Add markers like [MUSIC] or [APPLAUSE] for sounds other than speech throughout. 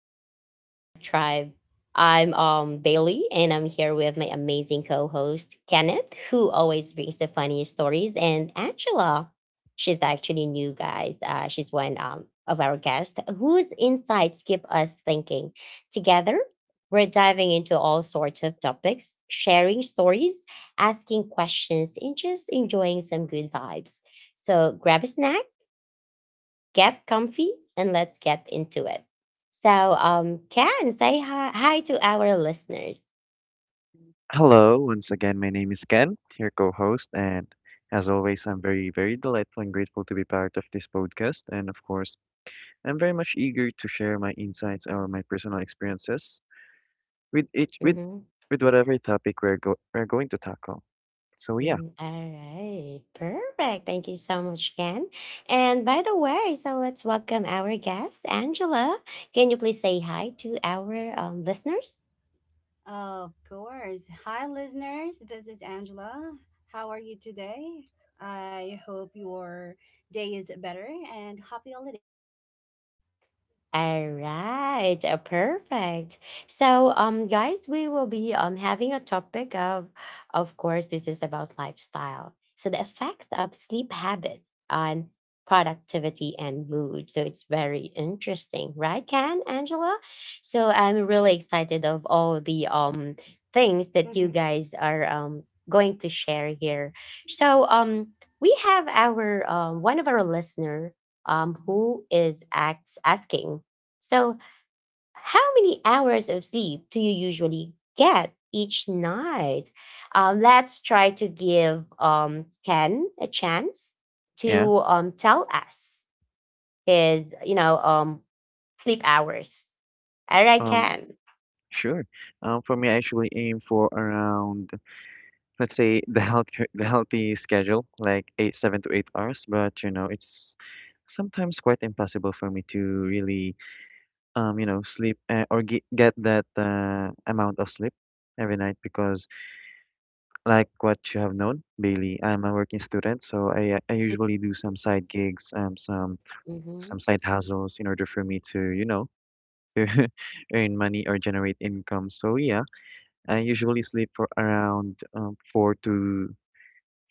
welcome to the Vibe Tribe. I'm Bailey, and I'm here with my amazing co-host Kenneth, who always brings the funniest stories, and Angela. She's actually new, guys. She's one of our guests whose insights keep us thinking. Together, we're diving into all sorts of topics, sharing stories, asking questions, and just enjoying some good vibes. So grab a snack, get comfy, and let's get into it. So, Ken, say hi to our listeners. Hello, once again, my name is Ken, your co host, and as always, I'm very, very delightful and grateful to be part of this podcast. And of course, I'm very much eager to share my insights or my personal experiences with each, with, Mhm. with whatever topic we're going to tackle. So, yeah, Mm, all right, perfect. Thank you so much, Ken. And by the way, so let's welcome our guest, Angela. Can you please say hi to our listeners? Of course. Hi, listeners. This is Angela. How are you today? I hope your day is better and happy holidays, everyone. All right, perfect. So, guys, we will be having a topic of course, this is about lifestyle. So the effect of sleep habit on productivity and mood. So it's very interesting, right, Can Angela? So I'm really excited of all the things that you [LAUGHS] guys are going to share here. So we have our one of our listener who is acts asking, so how many hours of sleep do you usually get each night? Let's try to give Ken a chance yeah, to tell us his, sleep hours. All right, um, Ken. sure. For me, I usually aim for around, let's say, [LAUGHS] the healthy schedule, like eight, 7 to 8 hours, but you know, it's sometimes quite impossible for me to really you know, sleep or ge get that amount of sleep every night because, like what you have known, Bailey, I'm a working student, so I usually do some side gigs, some Mm-hmm. side hustles in order for me to, you know, [LAUGHS] to earn money or generate income. So yeah, I usually sleep for around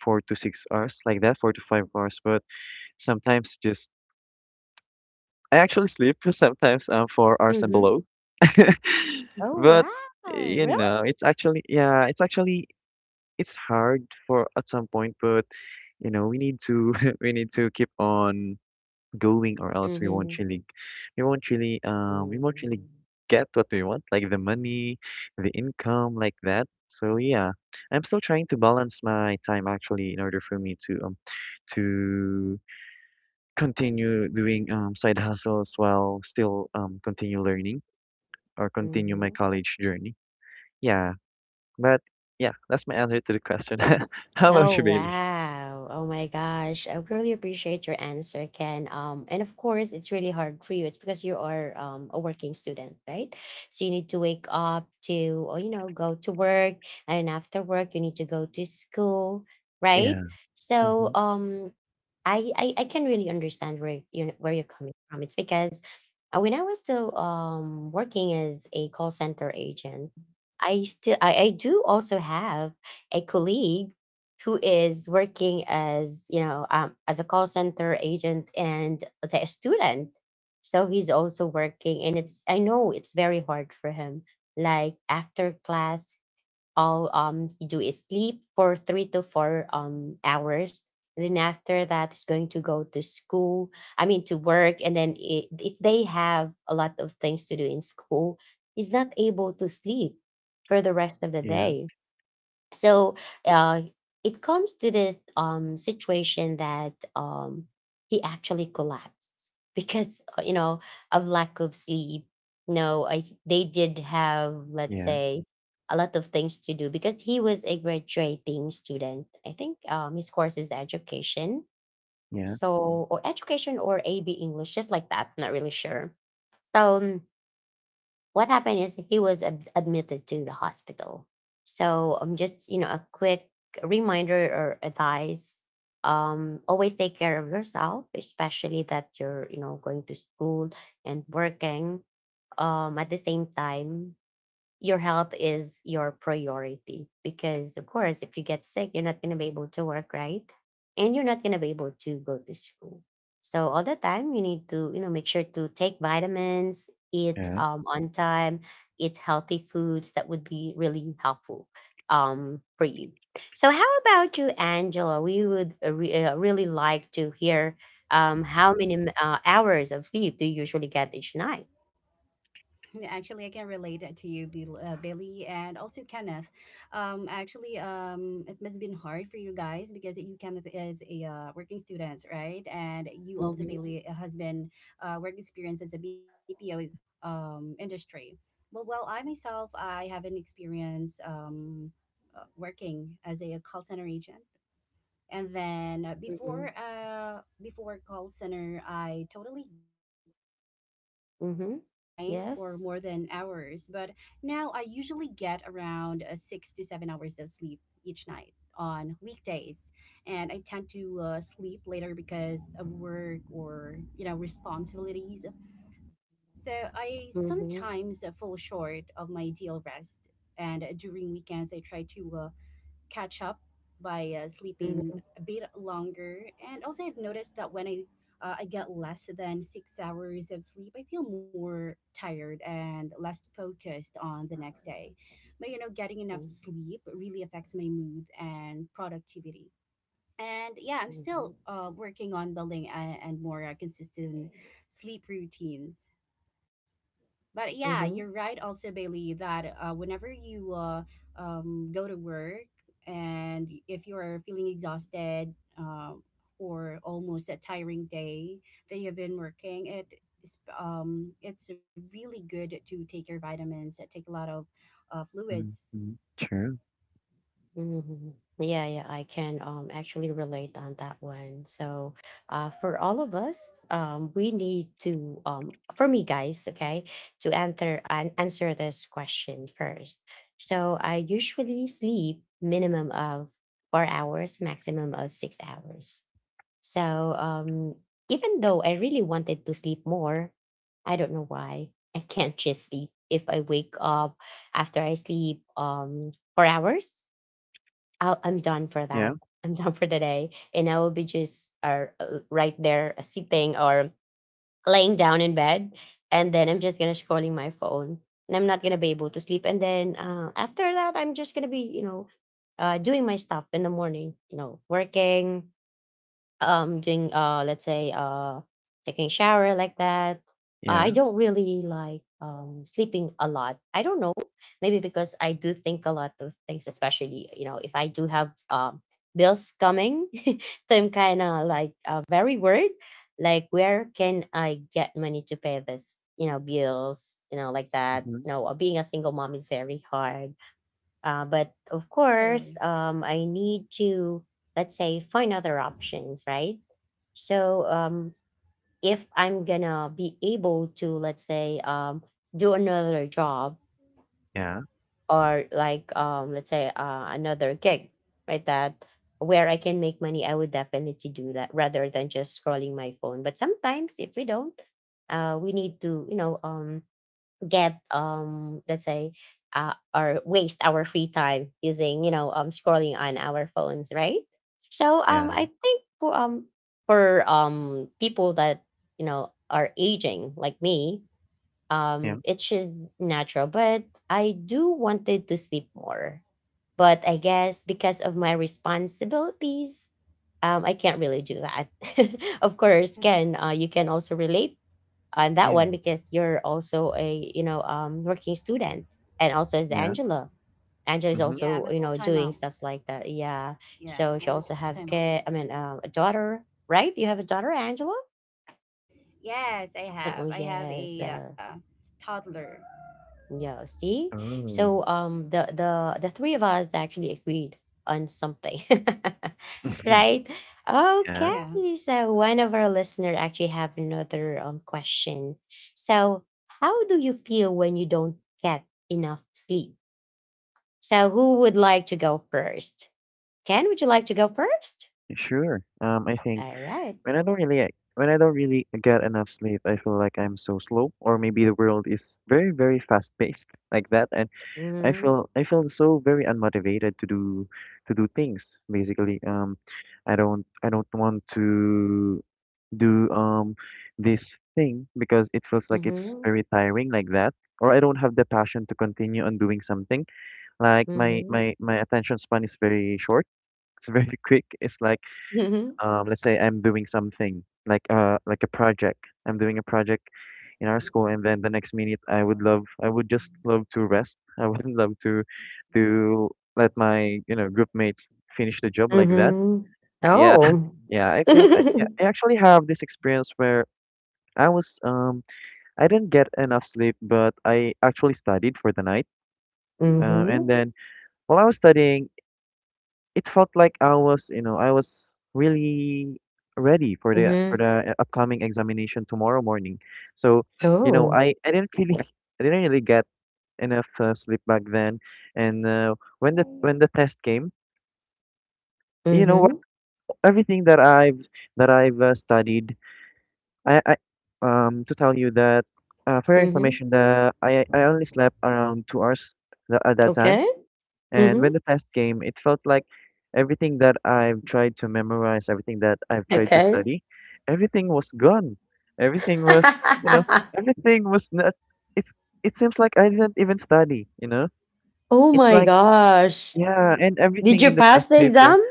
four to six hours, like that, 4 to 5 hours, but sometimes just I actually sleep [LAUGHS] sometimes 4 hours and Mm-hmm. below. [LAUGHS] Oh, But wow! you Really? know, it's actually yeah, it's actually it's hard for at some point, but you know, we need to [LAUGHS] we need to keep on going or else we won't Mm-hmm. really we won't really we won't really get what we want, like the money, the income, like that. So yeah, I'm still trying to balance my time actually in order for me to continue doing side hustles while still continue learning or continue my Mm-hmm. college journey. Yeah, but yeah, that's my answer to the question. [LAUGHS] How about Oh, you, Bailey? wow. Oh my gosh. I really appreciate your answer, Ken. And of course it's really hard for you. It's because you are a working student, right? So you need to wake up to, or you know, go to work, and then after work you need to go to school, right? Yeah. So Mm-hmm. I can really understand where you're coming from. It's because when I was still working as a call center agent, I do also have a colleague who is working as, you know, as a call center agent, and let's say a student, so he's also working, and it's, I know, it's very hard for him. Like after class, all he do is sleep for three to four hours, and then after that he's going to go to school, I mean to work, and then I if they have a lot of things to do in school, he's not able to sleep for the rest of the Yeah. day. So uh, it comes to the situation that he actually collapsed because, you know, of lack of sleep. No, they did have, let's Yeah. say, a lot of things to do, because he was a graduating student. I think his course is education, Yeah. so, or education or AB English, just like that, not really sure. So what happened is he was admitted to the hospital. So just, you know, a quick reminder or advice. Always take care of yourself, especially that you're, you know, going to school and working. At the same time, your health is your priority, because of course if you get sick you're not going to be able to work, right, and you're not going to be able to go to school. So all the time you need to, you know, make sure to take vitamins, eat Yeah. On time, eat healthy foods. That would be really helpful for you. So how about you, Angela? We would really like to hear how many hours of sleep do you usually get each night? Yeah, actually, I can relate it to you, Bill, Billy, and also Kenneth. Actually, it must have been hard for you guys because you, Kenneth, is a working student, right? And you also, Hmm. Bailey, has been work experience as a BPO industry. But well, I myself, I have an experience working as a call center agent, and then Hmm. Before call center I totally get a lot of sleep, like Hmm. nine or Yes. more than hours But now I usually get around 6 to 7 hours of sleep each night on weekdays, and I tend to sleep later because of work or you know responsibilities. So I Mhm. sometimes fall short of my ideal rest, and during weekends I try to catch up by sleeping Mhm. a bit longer. And also, I've noticed that when I get less than 6 hours of sleep, I feel more tired and less focused on the next day. But you know, getting enough Mm. sleep really affects my mood and productivity. And yeah, I'm Mhm. still working on building a, and more consistent sleep routines. But yeah, you're Mhm. right also, Bailey, that whenever you go to work and if you're feeling exhausted for almost a tiring day that you've been working, it's really good to take your vitamins, that take a lot of fluids. Mm-hmm. True. Mhm. Yeah, yeah, I can actually relate on that one. So, for all of us, we need to for me, guys, okay, to enter and answer this question first. So, I usually sleep minimum of 4 hours, maximum of 6 hours. So um, even though I really wanted to sleep more, I don't know why I can't just sleep. If I wake up after I sleep for hours, I'm done for that. Yeah. [LAUGHS] I'm done for the day, and I will be just right there, sitting or laying down in bed, and then I'm just gonna scrolling my phone, and I'm not gonna be able to sleep. And then after that, I'm just gonna be, you know, doing my stuff in the morning, you know, working, doing, let's say, taking shower, like that. I Yeah. don't really like sleeping a lot. I don't know, maybe because I do think a lot of things, especially, you know, if I do have bills coming. [LAUGHS] So I'm kind of like, very worried like where can I get money to pay this, you know, bills, you know, like that, Mm-hmm. you know, being a single mom is very hard. But of course, Totally. I need to, let's say, find other options, right? So if I'm gonna be able to, let's say, do another job, Yeah. or like, let's say, another gig, right, that where I can make money, I would definitely do that rather than just scrolling my phone. But sometimes if we don't, we need to, you know, get, let's say, or waste our free time using, you know, scrolling on our phones, right? So I Yeah. think for people that, you know, are aging like me, Yeah. It should natural, but I do wanted to sleep more, but I guess because of my responsibilities I can't really do that. [LAUGHS] Of course, Can, [LAUGHS] you can also relate on that one, Yeah. because you're also a, you know, working student, and also as Yeah. Angela, Angela is Mm-hmm. Yeah, also, I'm a you full know, time doing mom. stuff like that, yeah. Yeah, So she I'm a also full have time kid, mom. I mean, a daughter. Right, you have a daughter, Angela? Yes, I Oh, have. I have yes. a toddler. Yeah, see? Oh. So the three of us actually agreed on something. [LAUGHS] [LAUGHS] Right? yeah. Okay. Yeah. So one of our listener actually have another question. So how do you feel when you don't get enough sleep? So who would like to go first? Ken, would you like to go first? Sure. I think. All right. When I don't really get enough sleep, I feel like I'm so slow, or maybe the world is very, very fast paced [LAUGHS] like that, and Mm-hmm. I feel so very unmotivated to do things basically. I don't want to do this thing because it feels like it's Mm-hmm. very tiring like that. Or I don't have the passion to continue on doing something. Like my Mm-hmm. my my attention span is very short. It's very [LAUGHS] quick. It's like Mm-hmm. Let's say I'm doing something like a project. I'm doing a project in our school, and then the next minute I would just love to rest. I would [LAUGHS] love to let my you know group mates finish the job like that. Mm-hmm. Yeah, Oh. [LAUGHS] yeah. Yeah. [LAUGHS] I actually have this experience where I was I didn't get enough sleep, but I actually studied for the night. Uh, Mm-hmm. and then while I was studying, it felt like I was, you know, I was really ready for Mhm. the upcoming examination tomorrow morning. So, you know, Oh. I didn't really [LAUGHS] I didn't really get enough sleep back then. And when the test came, you know what, Mhm, everything that I've studied, I to tell you that for your mhm. information, the I only slept around 2 hours at that time. Okay. And when Mhm. the test came, it felt like everything that I've tried to memorize, everything that I've tried to Okay. study, everything was gone. Everything was, you Mm-hmm. know, [LAUGHS] everything was not. It's it seems like I didn't even study. You know, Oh it's my like gosh. yeah, Mm-hmm. and Did everything you in the pass test the paper. exam?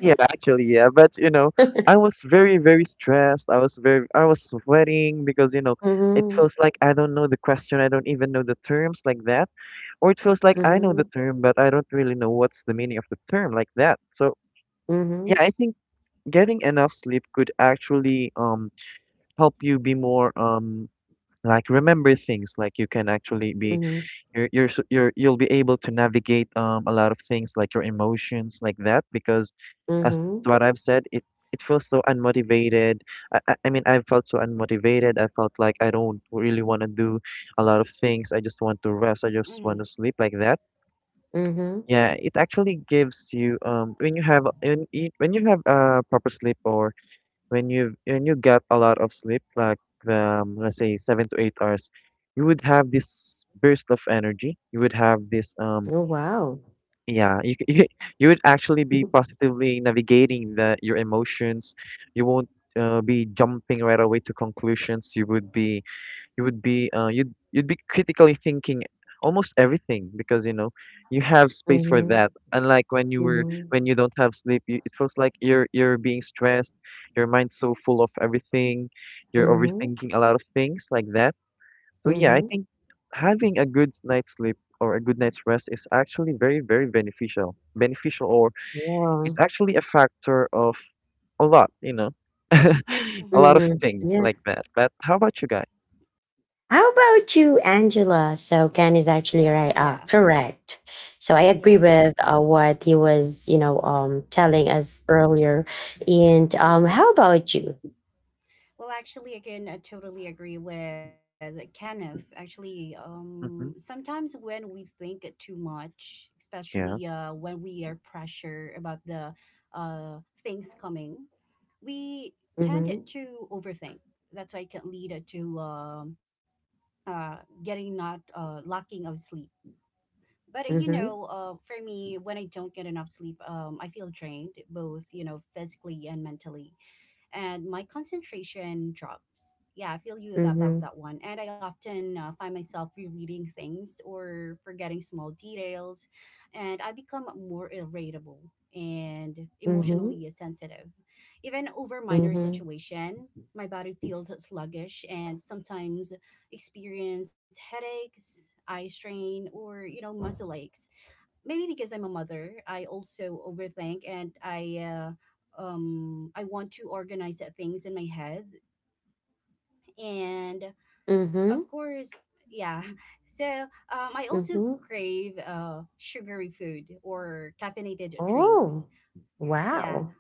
Yeah, actually, yeah. But you know, I was very, very stressed. I was sweating because you know, it Mhm, feels like I don't know the question. I don't even know the terms like that, or it feels like I know the mhm, term, but I don't really know what's the meaning of the term like that. So yeah, mhm, I think getting enough sleep could actually help you be more like remember things. Like you can actually be mhm, you're s- you're you'll be able to navigate a lot of things like your emotions like that because as mhm, what I've said, it feels so unmotivated. I felt so unmotivated. I felt like I don't really want to do a lot of things. I just want to rest. I just Mm-hmm. want to sleep like that. mhm. Yeah, it actually gives you when you have when you have a proper sleep or when you get a lot of sleep, like let's say 7 to 8 hours, you would have this burst of energy. You would have this Oh, wow. yeah [LAUGHS] you would actually be positively navigating the your emotions. You won't be jumping right away to conclusions. You'd be critically thinking almost everything because you know you have space for that, Mhm, unlike mhm, when you don't have sleep. It feels like you're being stressed, your mind's so full of everything, you're mhm, overthinking a lot of things like that. So yeah, I mhm. think having a good night's sleep or a good night's rest is actually very very beneficial beneficial, or Yeah. it's actually a factor of a lot, you know, [LAUGHS] a Mm-hmm. lot of Mhm. things Yeah. like that. But how about you guys? How about you, Angela? So Ken is actually right, Oh, yeah. correct. So I agree Yes. with what he was, you know, telling us earlier. And how Mhm. about you? Well, actually, again, I totally agree with Kenneth. Actually, Hmm. Sometimes when we think too much, Yeah. especially when we are pressure about the things coming, we tend Mm-hmm. to overthink. That's why it can lead to getting not lacking of sleep. But you Mm-hmm. know, for me, when I don't get enough sleep, I feel drained, both you know, physically and mentally, and my concentration drops. Yeah, I feel you that- Mm-hmm. about that one. And I often find myself rereading things or forgetting small details, and I become more irritable and Mm-hmm. emotionally sensitive. Even over minor Mm-hmm. situation, my body feels sluggish and sometimes experience headaches, eye strain, or you know muscle aches, maybe because I'm a mother, I also overthink and I want to organize the things in my head and Mm-hmm. of course yeah. So I also Mm-hmm. crave sugary food or caffeinated Oh, drinks, yeah. wow.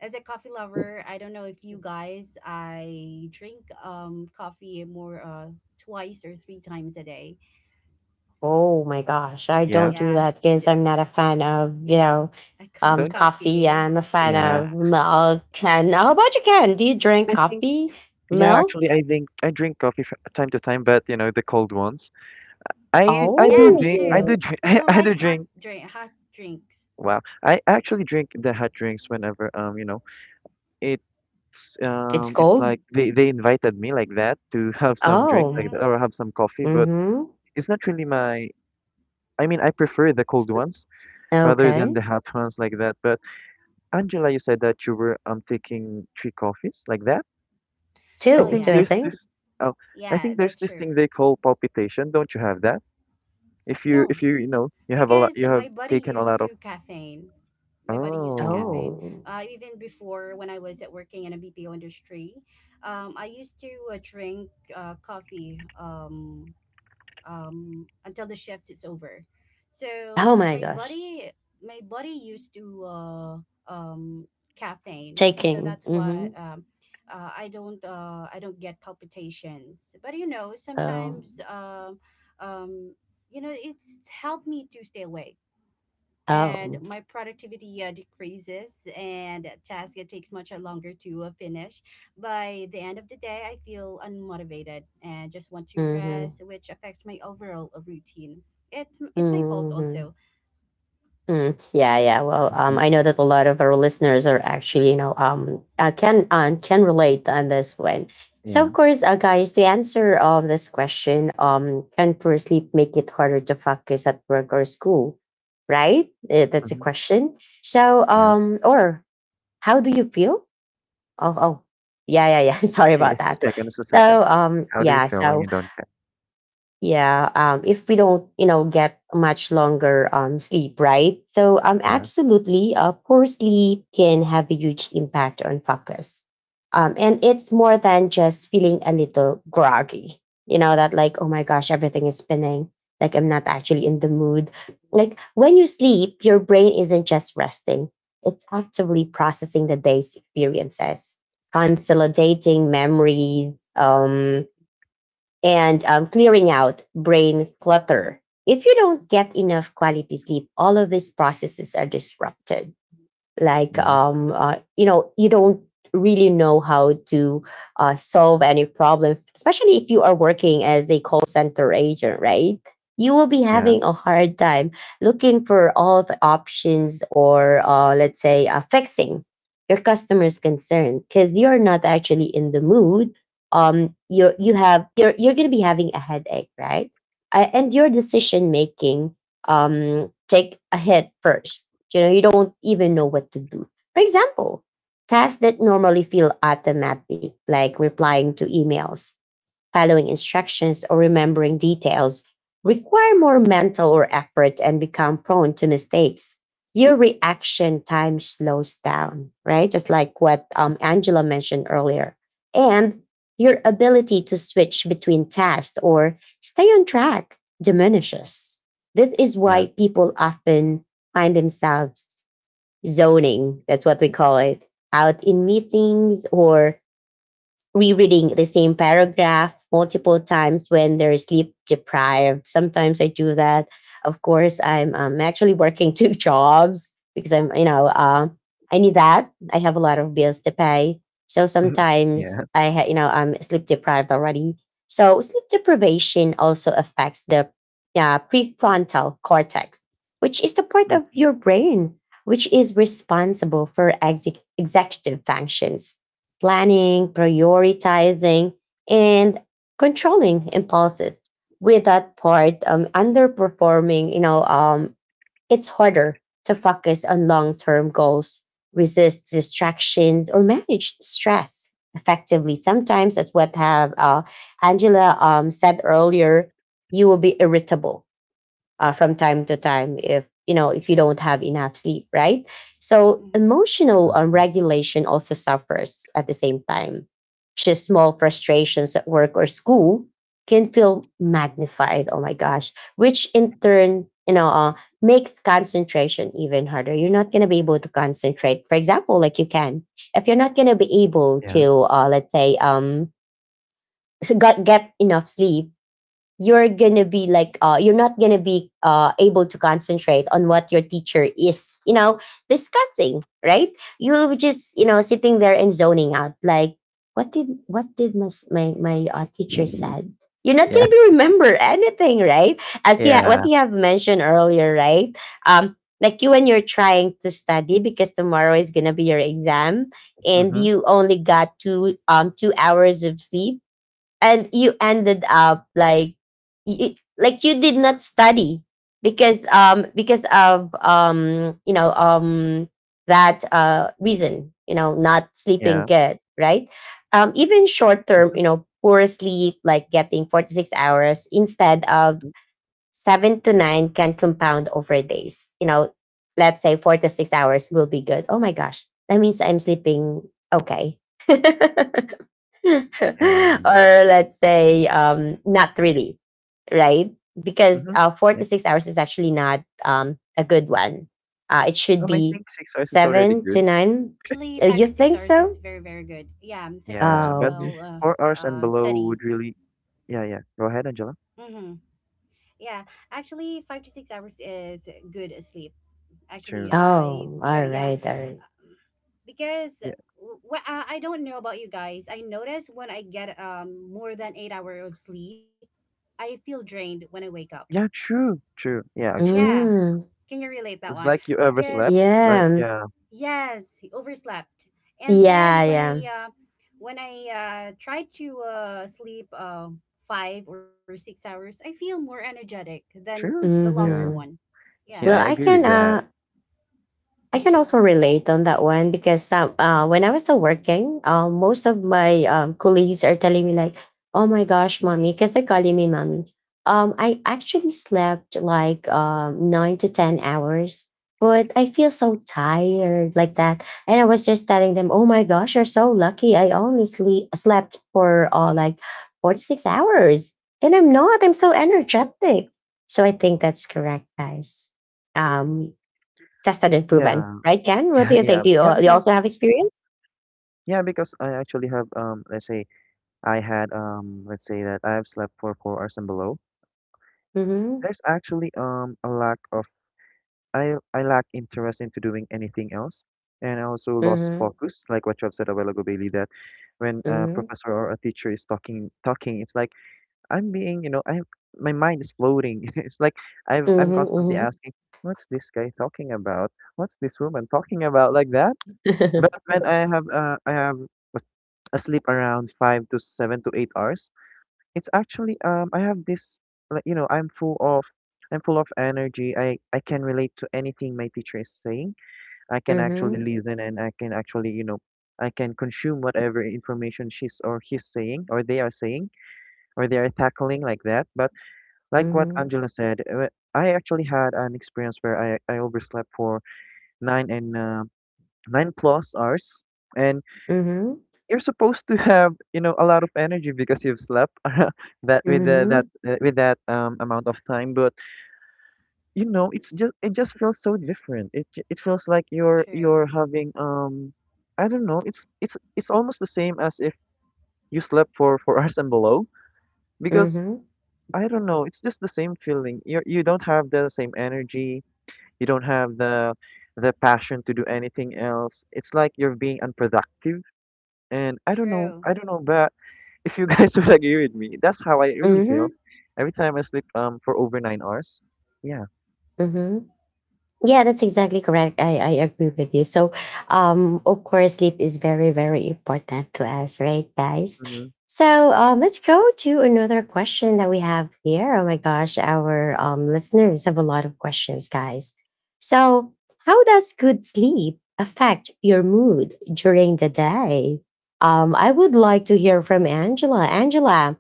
As a coffee lover, I don't know if you guys, I drink coffee more twice or three times a day. Oh my gosh. I Yeah. don't do yeah that, because j- I'm not a fan of, you know, Don't coffee. Coffee, I'm a fan yeah. of yeah, milk. yeah. And how about you, Ken? Do you drink I [LAUGHS] think coffee, yeah, milk? actually, I think I drink coffee from time to time, but you know, the cold ones. Yeah, me I Oh, do too. drink. [LAUGHS] I I don't I do like drink. Hot drinks. Wow. I actually drink the hot drinks whenever you know it's it's it's gold? like they invited me like that to [LAUGHS] have some drink Oh. like Mm-hmm. that or have some coffee, but Mhm. it's not really my. I mean, I prefer the S cold ones rather than okay. the hot ones like that. But Angela, you said that you were taking 3 coffees like that. I Oh 2, think do yeah. I there's think. this oh, I Yeah, think there's that's this true. thing they call palpitation. Don't you have that? If you No, if you you know you have a lot, because you have my body taken a used lot of. to caffeine. My body used to Oh. caffeine. Oh. Even before when I was at working in a BPO industry, I used to drink coffee. Until the shift is over. So Oh my gosh. My body used to um, caffeine, so Taking. that's why Mhm. I don't get palpitations. But you know, Oh. sometimes um, you know it's helped me to stay awake, and Oh. my productivity decreases and tasks it takes much longer to finish. By the end of the day I feel unmotivated and just want to Mhm. rest, which affects my overall routine. it, it's my fault Mhm. also. Mm, yeah, yeah. Well, Hmm. I know that a lot of our listeners are actually, you know, can, can relate on this one. So, Yeah. of course, guys, to answer this question, can poor sleep make it harder to focus at work or school? Right, that's a Hmm. question. So, Yeah. Or how do you feel? Oh, oh, yeah, yeah, yeah. [LAUGHS] Sorry Hey, about it's a that. second It's a second. So, How do you yeah. feel when you So, don't get? yeah, if we don't, you know, get much longer sleep, right? So, Yeah. absolutely, poor sleep can have a huge impact on focus. And it's more than just feeling a little groggy, you know, that like, oh my gosh, everything is spinning. Like, I'm not actually in the mood. Like, when you sleep, your brain isn't just resting, it's actively processing the day's experiences, consolidating memories, and clearing out brain clutter. If you don't get enough quality sleep, all of these processes are disrupted, like Yeah. You know, you don't really know how to solve any problem, especially if you are working as a call center agent, right? You will be Yeah. having a hard time looking for all the options, or let's say, fixing your customer's concern, because you're not actually in the mood. You, you have, you're going to be having a headache, right? And your decision making take a hit first. You know, you don't even know what to do. For example, tasks that normally feel automatic, like replying to emails, following instructions, or remembering details require more mental or effort and become prone to mistakes. Your reaction time slows down, right? Just like what, Angela mentioned earlier. And your ability to switch between tasks or stay on track diminishes. That is Yeah. why people often find themselves zoning, that's what we call it, out in meetings or rereading the same paragraph multiple times when they're sleep deprived. Sometimes I do that. Of course, I'm actually working [LAUGHS] two jobs because I'm, I need that. I have a lot of bills to pay. So [LAUGHS] Yeah. sometimes I, ha- you know, I'm sleep deprived already. So sleep deprivation also affects the prefrontal cortex, which is the part of Mm. your brain which is responsible for executive functions, planning, prioritizing, and controlling impulses. With that part underperforming, it's harder to focus on long term goals, resist distractions, or manage stress effectively. Sometimes, as what have Angela said earlier, you will be irritable from time to time, if you know, if you don't True. have enough sleep, right? So Hmm, emotional Mhm. regulation also suffers at the same time. Just small frustrations at work or school can feel magnified, oh my gosh, which in turn, makes concentration even harder. You're not going to be able to concentrate, for example, like you can if you're not going to be able Yeah. to let's say [LAUGHS] get enough sleep. You're gonna be like you're not gonna be able to concentrate on what your teacher is, you know, discussing, right? You just, you know, sitting there and zoning out like, what did my teacher said? You're not Yeah. gonna be remember anything, right? As Yeah. what you have mentioned earlier, right? Like you, when you're trying to study because tomorrow is gonna be your exam and Mm-hmm. you only got 2 hours of sleep, and you ended up like, you, like you did not study because because of that reason, you know, not sleeping Yeah. good, right? Even short term, Mm-hmm. you know, poor sleep, like getting 46 hours instead of Hmm. 7 to 9, can compound over days, you know. Let's say 4 to 6 hours will be good. Oh my gosh, that means I'm sleeping okay. [LAUGHS] [LAUGHS] Yeah. Or let's say not really, right? Because Mm-hmm. Four to Yeah. six hours is actually not a good one. It should I be think 6 hours is already seven to good. nine. actually five You to six think hours so? is very very good, yeah. Yeah, but Um, Psychological 4 hours and below would studies. really yeah yeah. Go ahead, Angela. Mm-hmm. Yeah, actually 5 to 6 hours is good sleep, actually True. I oh, try, all yeah. right, all right. Because Yeah. well, I don't know about you guys. I notice when I get more than 8 hours of sleep, I feel drained when I wake up. Yeah, true. True. Yeah, actually. Yeah, Mm, can you relate that It's one? like you Because overslept. Like, yeah, yeah. yes, overslept, and then yeah, when yeah. I uh, when I try to sleep 5 or 6 hours, I feel more energetic than True. the longer Yeah. Hmm. one. Yeah, Yeah, Well, I I agree can. with that. I can also relate on that one because when I was still working, most of my colleagues are telling me like, "Oh my gosh, mommy," because they're calling me mommy. I actually slept like 9 to 10 hours, but I feel so tired like that. And I was just telling them, "Oh my gosh, you're so lucky. I only slept for like 46 hours, and I'm not. I'm so energetic." So I think that's correct, guys. Um, tested and proven, Yeah. [LAUGHS] right, Ken? What do Yeah, you yeah. think? Do you also have experience? Yeah, because I actually have let's say I had let's say that I have slept for 4 hours and below. Mm-hmm. There's actually a lack of. I lack interest into doing anything else. And I also lost Mm-hmm. focus, like what you have said a while ago, Bailey, that when a Mm-hmm. professor or a teacher is talking, it's like I'm being, you know, I my mind is floating. [LAUGHS] It's like I'm constantly Mm-hmm. asking, what's this guy talking about? What's this woman talking about like that? Mm-hmm. [LAUGHS] But when I have a- asleep around 5 to 7 to 8 hours, it's actually I have this like you know I'm full of energy. I can relate to anything my teacher is saying. I can actually Mm-hmm. listen and I can actually you know I can consume whatever information she's or he's saying or they are saying or they are tackling like that. But like what Mm-hmm. Angela said, I actually had an experience where I overslept for nine and uh, 9 plus hours, and Mm-hmm. you're supposed to have you know a lot of energy because you've slept [LAUGHS] that Mm-hmm. With that amount of time. But you know, it's just it just feels so different. It feels like true, you're having I don't know. It's almost the same as if you slept for four [LAUGHS] hours and below because I don't know. It's just the same feeling. You don't have the same energy. You don't have the passion to do anything else. It's like you're being unproductive. And I don't true. know, but if you guys [LAUGHS] would agree with me, that's how I really feel. Mm-hmm. Every time I sleep for over 9 hours. Yeah. Mm-hmm. Yeah, that's exactly correct. I agree with you. So, of course, sleep is very, very important to us, right, guys? Mm-hmm. So, let's go to another question that we have here. Oh my gosh, our listeners have a lot of questions, guys. So, how does good sleep affect your mood during the day? I would like to hear from Angela. Angela,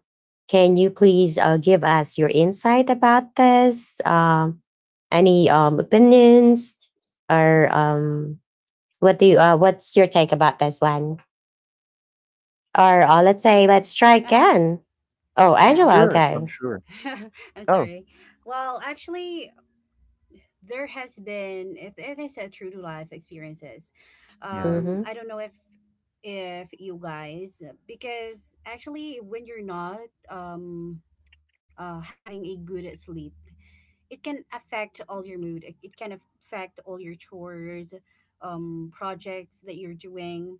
can you please give us your insight about this? Any opinions or what do you what's your take about this one? Or let's say, Well, let's try uh huh. again. Oh, Angela, Yeah, Sure. I'm okay. sure. [LAUGHS] I'm Oh. sorry. Well, actually, there has been it is a true to life experiences. Yeah. Mhm. I don't know if you guys because actually when you're not having a good sleep, it can affect all your mood, it can affect all your chores, projects that you're doing,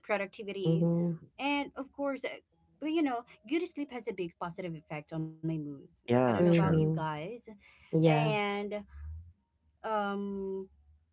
productivity, Mhm. and of course but you know, good sleep has a big positive effect on my mood. I don't know Yeah. about you True. Mhm. guys. Yeah, And um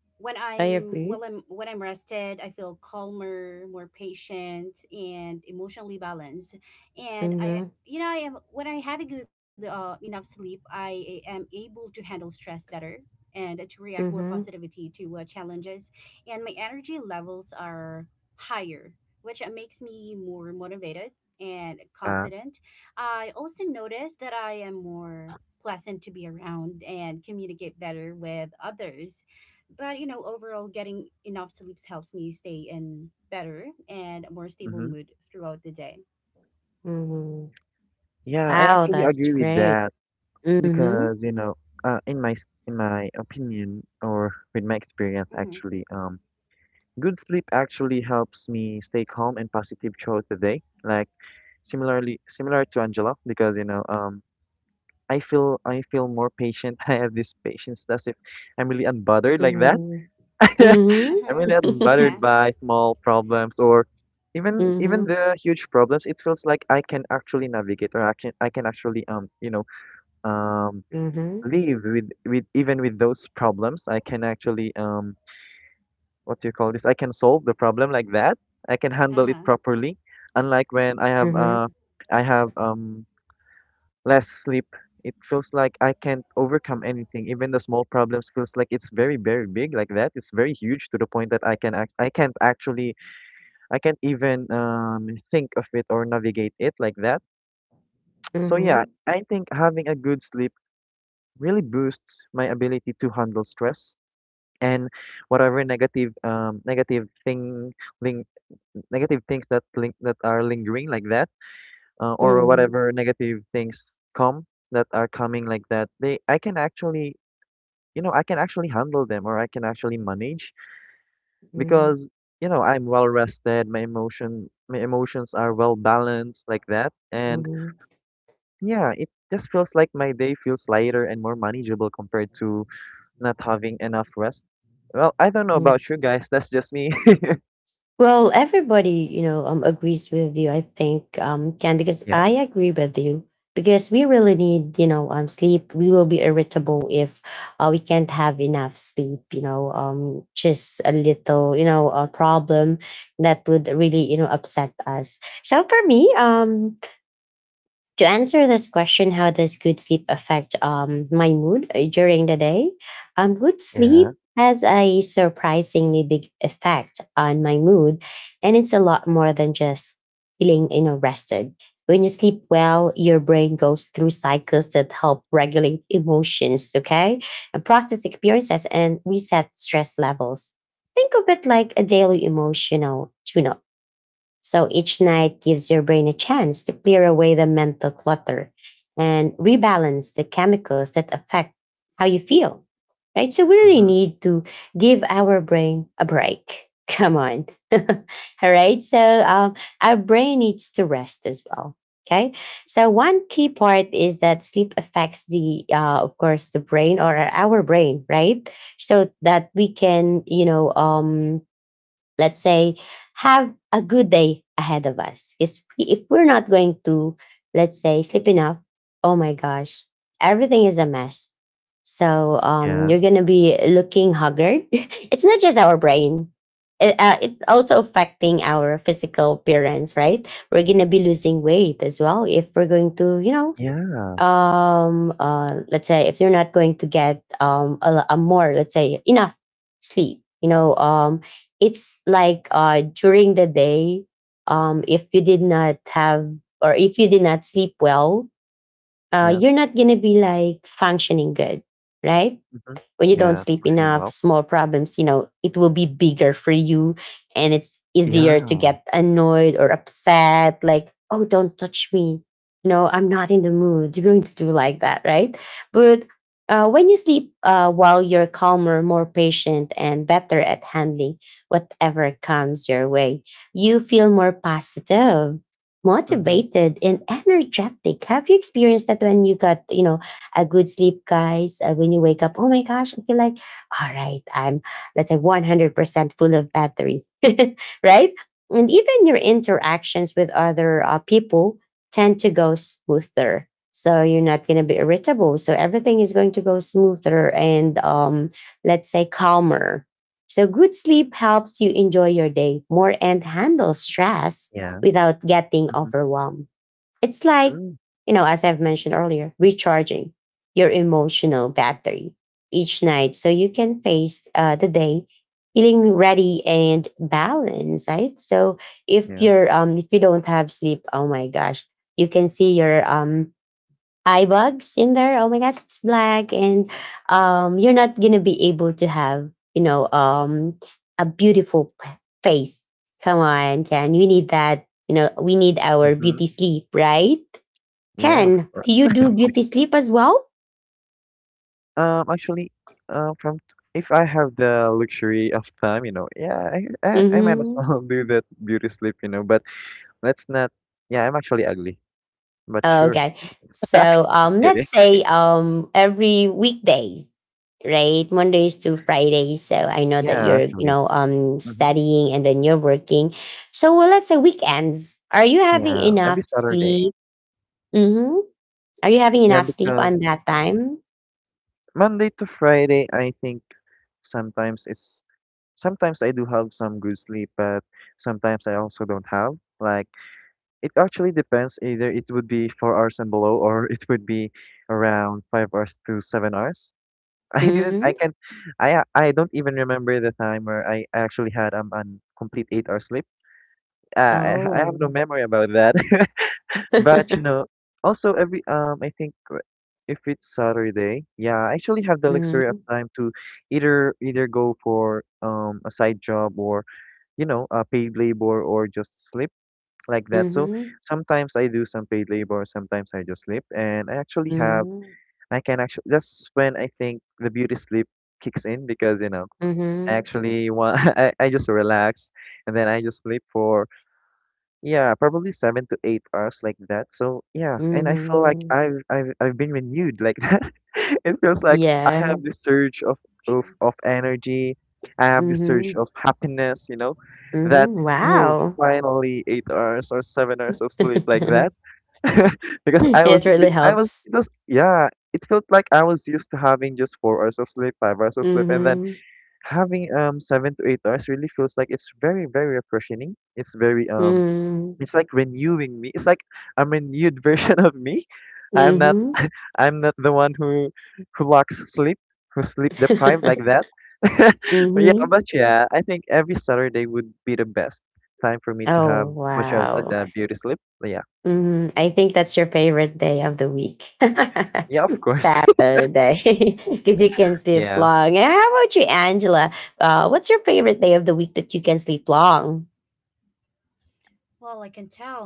when I I'm well, agree. I'm when I'm rested, I feel calmer, more patient, and emotionally balanced. And I, Mhm. you know, I am when I have a good enough sleep, I am able to handle stress better and to react more Mhm. positivity to challenges. And my energy levels are higher, which makes me more motivated and Uh. confident. I also noticed that I am more pleasant to be around and communicate better with others. But you know, overall getting enough sleeps helps me stay in better and more stable Mm-hmm. mood throughout the day. Mhm. Yeah. I Wow, actually that's agree with great. that Mhm. because you know, in my opinion or with my experience, Mm-hmm. actually, good sleep actually helps me stay calm and positive throughout the day. Like similar to Angela because you know I feel more patient. [LAUGHS] I have this patience that's if I'm really unbothered like that. Mhm. [LAUGHS] Mhm. I'm Uh-huh. really Yeah. unbothered by small problems or even Mhm. the huge problems. It feels like I can actually navigate or action I can actually um Mhm. live with even with those problems. I can actually um, what do you call this? I can solve the problem like that. I can handle Uh-huh. it properly. Unlike when Mhm. I have less sleep. It feels like I can't overcome anything. Even the small problems feels like it's very, very big like that. It's very huge to the point that I can't actually, I can't even think of it or navigate it like that. So yeah, Mhm. I think having a good sleep really boosts my ability to handle stress and whatever ling negative things that link that are lingering like that, or Mhm. whatever negative things come that are coming like that, they I can actually, you know, I can actually handle them, or I can actually manage Mhm. because, you know, I'm well rested, my emotions are well balanced like that. And Mhm. yeah, it just feels like my day feels lighter and more Mm-hmm. manageable compared to not having enough rest. Well, I don't know Mhm. about [LAUGHS] you guys, [LAUGHS] that's just me. [LAUGHS] Well, everybody, you know, agrees with you. I think, Ken, because Yeah. I agree with you, because we really need, you know, sleep. We will be irritable if we can't have enough sleep. You know, just a little, you know, a problem that would really, you know, upset us. So for me, to answer this question, how does good sleep affect my mood during the day, good sleep Yeah. has a surprisingly big effect on my mood, and it's a lot more than just feeling, you know, rested. When you sleep well, your brain goes through cycles that help regulate emotions, okay, and process experiences and reset stress levels. Think of it like a daily emotional tune up. So each night gives your brain a chance to clear away the mental clutter and rebalance the chemicals that affect how you feel, right? So we really Mm-hmm. need to give our brain a break. Come on. [LAUGHS] All right. So our brain needs to rest as well. Okay. So one key part is that sleep affects the, of course, the brain or our brain, right? So that we can, you know, let's say, have a good day ahead of us, because if we're not going to, let's say, sleep enough, oh my gosh, everything is a mess. So Yeah. you're gonna be looking haggard. [LAUGHS] It's not just our brain, it, it's also affecting our physical appearance, right? We're gonna be losing weight as well if we're going to, you know, Yeah. Let's say, if you're not going to get a, a more, let's say, enough sleep, you know. It's like during the day, if you did not have or if you did not sleep well, Yeah. you're not gonna be like functioning good, right? Mm-hmm. When you don't Yeah. sleep Functioning enough, well. small problems, you know, it will be bigger for you, and it's easier to Yeah. get annoyed or upset, like, oh, don't touch me. You know, I'm not in the mood. You're going to do like that, right? But when you sleep, while you're calmer, more patient, and better at handling whatever comes your way, you feel more positive, Mm-hmm. motivated, and energetic. Have you experienced that when you got, you know, a good sleep, guys? When you wake up, oh my gosh, I feel like, all right, I'm, let's say, 100% full of battery, [LAUGHS] right? [LAUGHS] And True, even your true, interactions with other people tend to go smoother. So you're not going to be irritable. So everything is going to go smoother and, let's say, calmer. So good sleep helps you enjoy your day more and handle stress Yeah. without getting Mm-hmm. overwhelmed. It's like, True. yeah, you know, as I've mentioned earlier, recharging your emotional battery each night so you can face the day feeling ready and balanced, right? So if Yeah. you're if you don't have sleep, oh my gosh, you can see your eye bugs in there. Oh my gosh, it's black, and you're not gonna be able to have, you know, a beautiful face. Come on, can we need that? You know, we need our Mm-hmm. beauty sleep, right? Yeah, of Ken, course. do you do beauty sleep as true, well? Um, actually, from if I have the luxury of time, you know, yeah, I might as Mm-hmm. well [LAUGHS] do that beauty sleep, you know. But let's not. Yeah, I'm actually ugly, but sure. Okay. So [LAUGHS] let's Kidding. say every weekday, right? Mondays to Fridays. So I know that Yeah, you're, you actually. know, hmm studying and then you're working. So, well, let's say weekends. Are you having Yeah, enough every Saturday. sleep? Mm-hmm. Are you having Yeah, enough sleep on because that time? Monday to Friday, I think sometimes it's sometimes I do have some good sleep, but sometimes I also don't have. Like, it actually depends. Either it would be 4 hours and below, or [LAUGHS] it would be around 5 hours to 7 hours. [LAUGHS] I didn't. Mm-hmm. I can. I a- I don't even remember the time where I actually had an complete 8 hour sleep. I have no Oh. memory about that. [LAUGHS] [LAUGHS] But you Mm-hmm. know, also every I think if it's Saturday, yeah, I actually have the luxury of time to either go for a side job or, you know, a paid labor, or just sleep like that. So Mm-hmm. sometimes I do some paid labor, sometimes I just sleep, and I actually have Mm-hmm. I can actually, that's when I think the beauty sleep kicks in because, you know, I Mm-hmm. actually want [LAUGHS] I just relax and then I just sleep for, yeah, probably 7 to 8 hours like that. So yeah, and I feel like Mm-hmm. I've been renewed like that. [LAUGHS] It feels like I Yeah. have this surge of true. Energy. I have this surge Mm-hmm. of happiness, you know, that, Mhm. oh, Wow. finally 8 hours or 7 hours of sleep like [LAUGHS] that. [LAUGHS] Because I It was really be- I was helps. it was yeah, it felt like I was used to having just 4 hours of sleep, 5 hours of sleep, and then Mhm. having 7 to 8 hours really feels like it's very refreshing. It's very Mm. it's like renewing me. It's like I a renewed [LAUGHS] version of me. I'm not Mhm. I'm not the one who lacks sleep, who sleep deprived like that. [LAUGHS] Mhm. [LAUGHS] but yeah, I think every Saturday would be the best time for me to have Oh, what you have said, wow. Beauty sleep. But yeah, Mhm. I think that's your favorite day of the week. yeah, of [LAUGHS] course, [LAUGHS] Saturday. [LAUGHS] Cuz you can sleep yeah, long. And how about you, Angela? What's your favorite day of the week that you can sleep long? Well, I can tell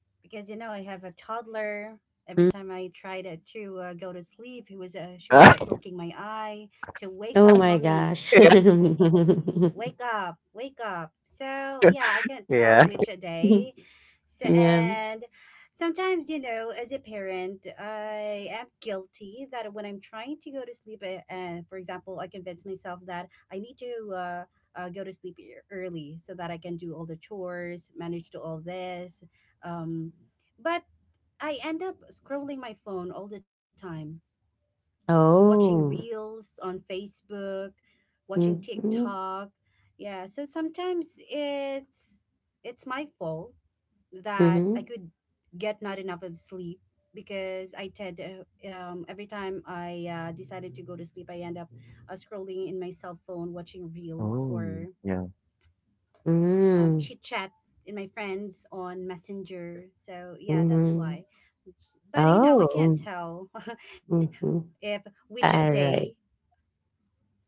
because you know I have a toddler. Every Mm. time I tried to go to sleep, he was she was at [LAUGHS] poking my eye to wake Oh up my mommy, gosh. yeah, [LAUGHS] wake up, wake up. So yeah, I can tell yeah. which a day. So, Yeah. and sometimes, you know, as a parent, I am guilty that when I'm trying to go to sleep, and for example, I convince myself that I need to go to sleep e- early so that I can do all the chores, manage to all this. Um, but I end up scrolling my phone all the time, watching Oh. reels on Facebook, watching Mhm. TikTok. Yeah, so sometimes it's my fault that I Mhm. could get not enough of sleep, because I tend every time I decided to go to sleep, I end up scrolling in my cell phone, watching reels, Oh, or yeah. Mhm. chit chat in my friends on Messenger. So yeah, that's Mhm. why. But you know, I can't Oh. tell Mhm. [LAUGHS] if which All day. right.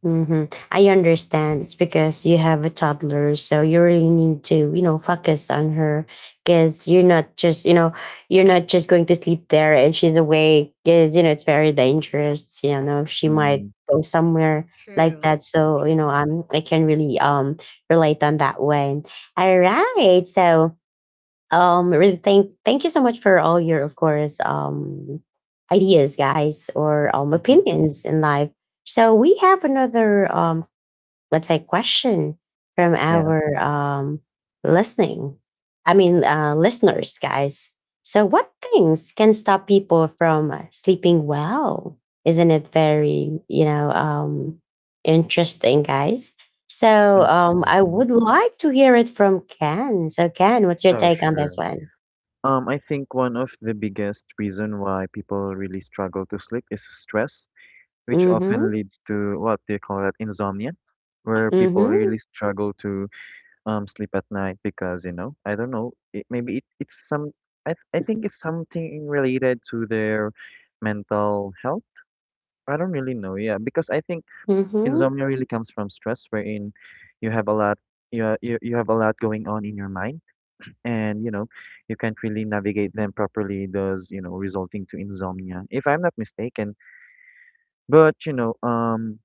Mhm. I understand. It's because you have a toddler, so you really need to, you know, focus on her, because you're not just, you know, you're not just going to sleep there and she's awake because, you know, it's very dangerous. You know, she might Mm, go somewhere like that. True, So, you true. know, I can really relate on that one. All right. So really thank you so much for all your, of course, ideas, guys, or hmm. opinions in life. So we have another let's say, question from Yeah. our listening I mean listeners, guys. So what things can stop people from sleeping well? Isn't it very, you know, interesting, guys? So I Mm-hmm. would like to hear it from Ken. So Ken, what's your Oh, take on this sure. one? I think one of the biggest reason why people really struggle to sleep is stress, which Mm-hmm. often leads to, what do you call that, insomnia, where people Mm-hmm. really struggle to sleep at night because, you know, I don't know, it, maybe it, it's some I think it's something related to their mental health. I don't really know, yeah, because I think Mm-hmm. insomnia really comes from stress wherein you have a lot you you have a lot going on in your mind, and you know you can't really navigate them properly, thus, you know, resulting to insomnia if I'm not mistaken. But you know, um,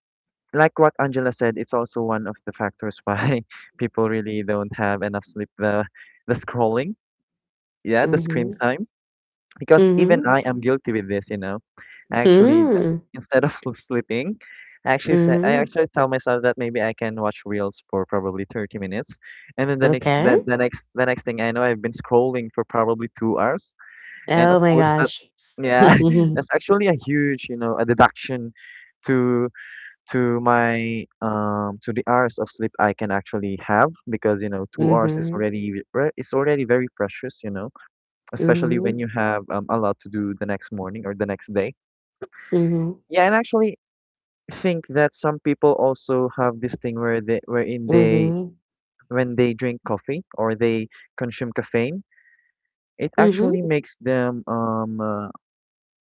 like what Angela said, it's also one of the factors why [LAUGHS] people really don't have enough sleep. The scrolling, yeah, the screen Mm-hmm. time. Because even Mm-hmm. I am guilty with this, you know. I actually d- Mm-hmm. instead of [LAUGHS] sleeping, I Mm-hmm. actually tell myself that maybe I can watch reels for probably 30 minutes, and then Okay. The next thing I know, I've been scrolling for probably 2 hours, and of Oh my course that, gosh. yeah, [LAUGHS] that's [LAUGHS] actually a huge, you know, a deduction to to my, um, to the hours of sleep I can actually have because, you know, 2 hours is Mhm, already it's already very precious, you know, especially when mhm, you have, a lot to do the next morning or the next day. mhm, Yeah, and I actually think that some people also have this thing where they, wherein they, mhm, when they drink coffee or they consume caffeine, it mhm. actually makes them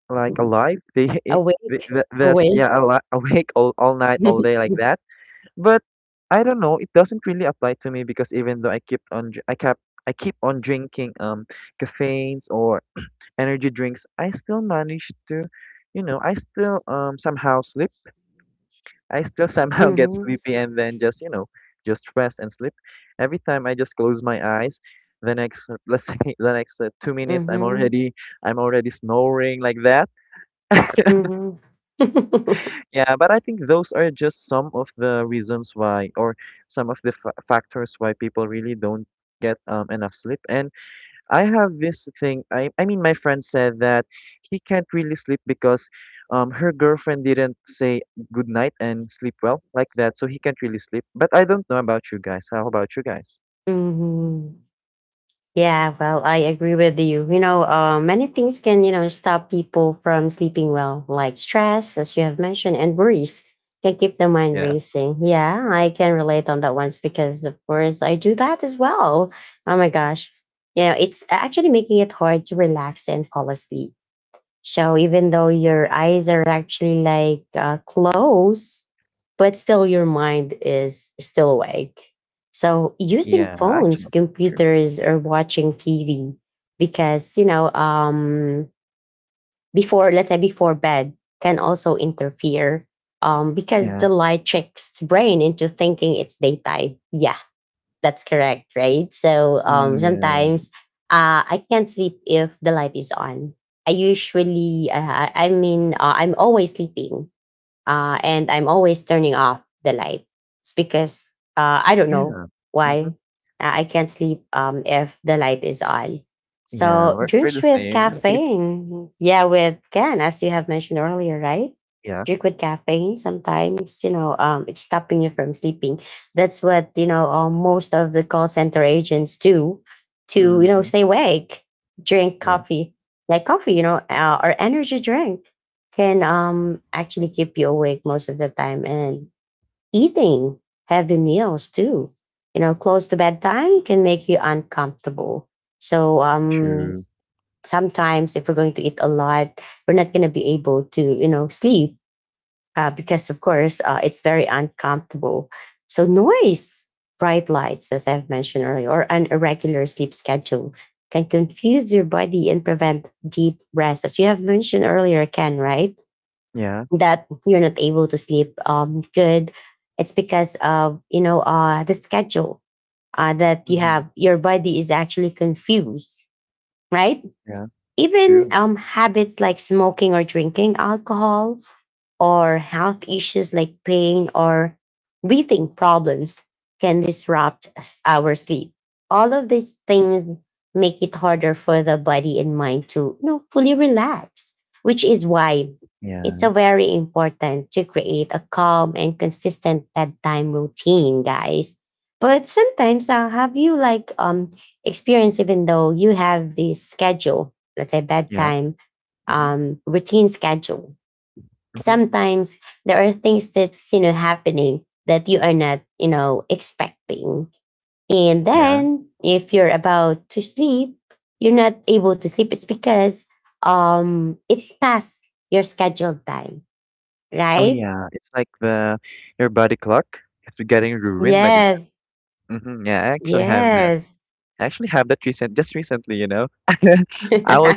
like alive, they [LAUGHS] it, th- Awake, th- this awake. yeah, awake all night all day like [LAUGHS] that. But I don't know, it doesn't really apply to me because even though I keep on drinking caffeines or energy drinks, I still manage to, you know, I still somehow sleep. I still somehow [LAUGHS] get Mhm, sleepy and then just, you know, just rest and sleep. Every time I just close my eyes, the next, let's say [LAUGHS] the next, 2 minutes I'm mhm, already I'm already snoring like that. [LAUGHS] mhm. [LAUGHS] Yeah, but I think those are just some of the reasons why, or some of the fa factors why people really don't get, enough sleep. And I have this thing. My friend said that he can't really sleep because, her girlfriend didn't say good night and sleep well like that, so he can't really sleep. But I don't know about you guys. How about you guys? Mhm. Yeah, well, I agree with you. You know, many things can, you know, stop people from sleeping well, like stress, as you have mentioned, and worries can keep the mind Yeah, racing. Yeah, I can relate on that once because, of course, I do that as well. Oh my gosh. It's actually making it hard to relax and fall asleep. So even though your eyes are actually like closed, but still your mind is still awake. So using yeah, phones, actually, true. computers, or watching TV, because before, let's say before bed, can also interfere, because Yeah, the light tricks the brain into thinking it's daytime. Yeah, that's correct, right? So mm, yeah, sometimes I can't sleep if the light is on. I usually, I'm always sleeping, and I'm always turning off the light. It's because I don't know yeah, mm-hmm. why I can't sleep if the light is on. Yeah, So we're the drinks with same. [LAUGHS] caffeine, yeah, with can, as you have mentioned earlier, right? Yeah, Drink with caffeine sometimes, it's stopping you from sleeping. That's what most of the call center agents do to mm-hmm. stay awake. Drink Yeah, coffee, like coffee, or energy drink can actually keep you awake most of the time. And eating heavy meals too close to bedtime can make you uncomfortable. So true. sometimes if we're going to eat a lot, we're not going to be able to sleep, because of course it's very uncomfortable. So noise, bright lights, as I've mentioned earlier, or an irregular sleep schedule can confuse your body and prevent deep rest, as you have mentioned earlier, Ken, right? Yeah. That you're not able to sleep good. It's because of the schedule that you Mhm. have. Your body is actually confused, right? Yeah. Even True. Habits like smoking or drinking alcohol, or health issues like pain or breathing problems, can disrupt our sleep. All of these things make it harder for the body and mind to fully relax, which is why it's Yeah. a very important to create a calm and consistent bedtime routine, guys. But sometimes, have you like experienced, even though you have this schedule, let's say Yeah. bedtime Mhm. Routine schedule, Mhm. sometimes there are things that's happening that you are not expecting, and Yeah. then if you're about to sleep, you're not able to sleep. It's because it's past your scheduled time, Oh, right? yeah. It's like the your body clock is getting ruined like Yes. that. Mhm. Yeah. I actually have that. Yes. I actually have that recent, just recently. You know, [LAUGHS] [LAUGHS] I was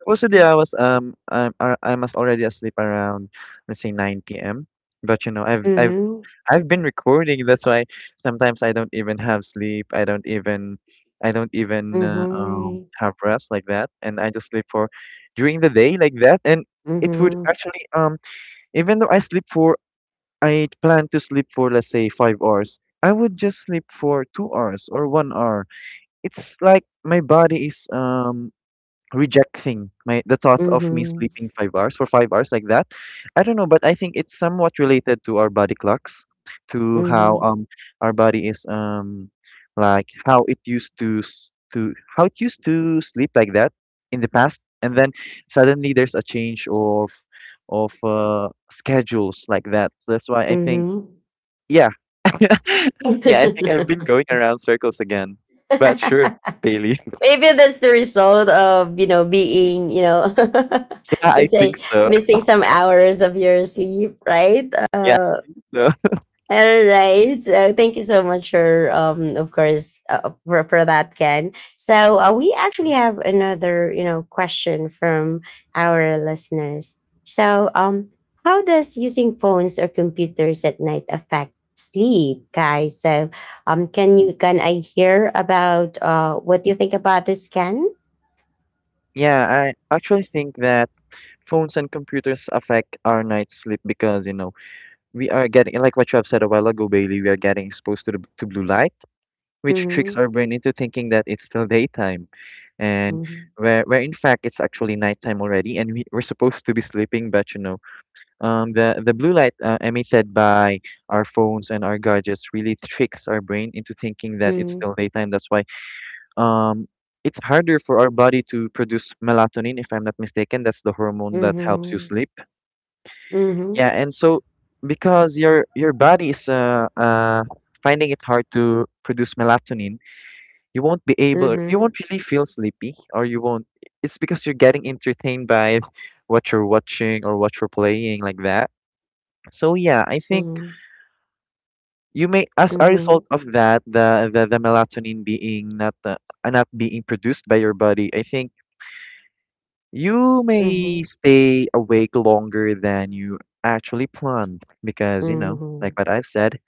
supposedly I was already asleep around, let's say, 9 p.m. But you know I've I've mhm, I've been recording. That's why sometimes I don't even have sleep. I don't even mhm, have rest like that, and I just sleep for during the day like that. And it would mhm, actually um, even though I sleep for, I plan to sleep for, let's say, 5 hours, I would just sleep for 2 hours or 1 hour. It's like my body is rejecting my the thought of me mhm, sleeping 5 hours for 5 hours like that. I don't know, but I think it's somewhat related to our body clocks, to how, mhm, um, our body is, um, like how it used to sleep like that in the past, and then suddenly there's a change of schedules like that. So that's why I think, mhm. yeah. [LAUGHS] Yeah, I think I've been going around circles again. But sure, [LAUGHS] Bailey. [LAUGHS] Maybe that's the result of, you know, being, you know, [LAUGHS] Yeah, I let's think say so. missing some hours of your sleep, right? Yeah, so. All right. Thank you so much for, of course, for that, Ken. So we actually have another, you know, question from our listeners. So, how does using phones or computers at night affect sleep, guys? So, can you can I hear about what you think about this, Ken? Yeah, I actually think that phones and computers affect our night's sleep because, you know, we are getting, like what you have said a while ago, Bailey, we are getting exposed to to blue light, which tricks Mhm, our brain into thinking that it's still daytime. And mhm, where in fact it's actually nighttime already, and we're supposed to be sleeping, but you know, the blue light emitted by our phones and our gadgets really tricks our brain into thinking that it's mhm, still daytime. That's why, um, it's harder for our body to produce melatonin, if I'm not mistaken. That's the hormone that helps you mhm, sleep. mhm, Yeah, That's and true. so because your body is finding it hard to produce melatonin, you mhm, won't really feel sleepy, or you won't. It's because you're getting entertained by what you're watching or what you're playing, like that. So yeah, I think mhm, you may, as a mhm, result of that, the melatonin being not being produced by your body, I think you mhm, may stay awake longer than you actually planned because, you know, like mhm, what I've said,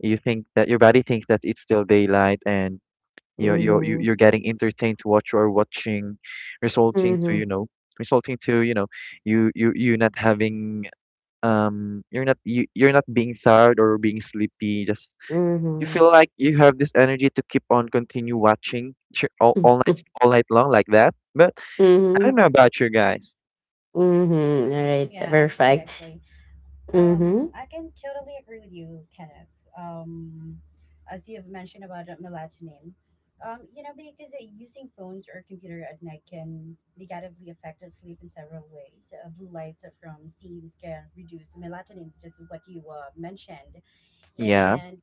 you think that your body thinks that it's still daylight, and you're you're you- mhm, you're getting entertained to what you are watching, resulting to, you mhm, know, resulting to you not having you're not being tired or being sleepy. Just you mhm. feel like you have this energy to keep on continue watching all night [LAUGHS] all night long like that. But I don't Mhm. know about you guys. Mhm. All right. Yeah, actually, Perfect. actually. Mhm. I can totally agree with you, Kenneth. Um, as you have mentioned about melatonin, you know, because using phones or computer at night can negatively affect sleep in several ways. Blue lights from scenes can reduce melatonin, just what you mentioned, Yeah. and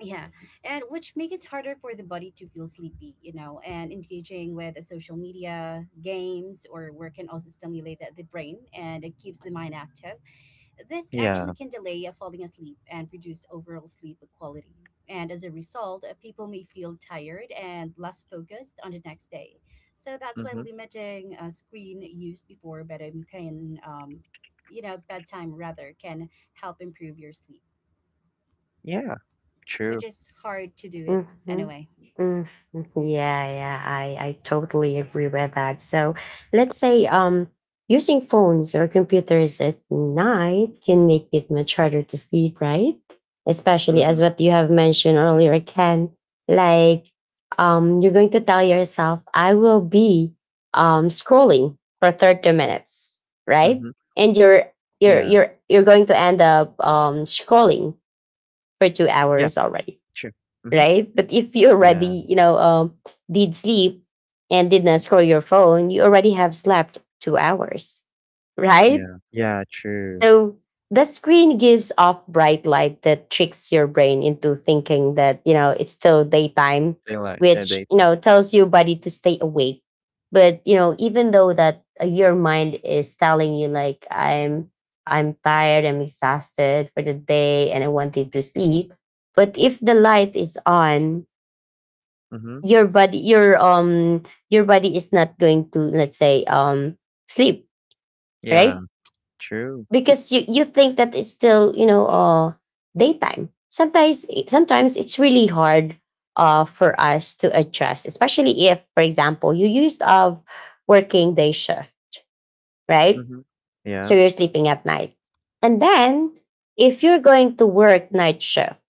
yeah, and which make it harder for the body to feel sleepy, you know, and engaging with social media, games, or work can also stimulate the brain and it keeps the mind active. This Yeah. actually can delay a falling asleep and reduce overall sleep quality. And as a result, people may feel tired and less focused on the next day. So that's why Mhm. limiting screen use before bedtime can, you know, bedtime rather can help improve your sleep, Yeah. True. which is hard to do it Mm-hmm. anyway. Mm-hmm. Yeah, yeah, I totally agree with that. So let's say using phones or computers at night can make it much harder to sleep, right? Especially as Mhm. what you have mentioned earlier, Ken, like you're going to tell yourself, I will be scrolling for 30 minutes, right? Mhm. And you're you're Yeah. you're you're going to end up scrolling for two Yeah. hours already, True. Mhm. right? But if you Yeah. already, you know, did sleep and did not scroll your phone, you already have slept 2 hours, right? Yeah. Yeah. True. So the screen gives off bright light that tricks your brain into thinking that, you know, it's still daytime, They like yeah which, you data. know, tells your body to stay awake. But, you know, even though that your mind is telling you like I'm tired, I'm exhausted for the day and I wanted to sleep, but if the light is on, Mhm. your body your um your body is not going to, let's say, sleep, Yeah. right? True. Because you think that it's still daytime. Sometimes, sometimes it's really hard for us to adjust, especially if, for example, you used of working day shift, right? Mhm. So Yeah. you're sleeping at night, and then if you're going to work night shift,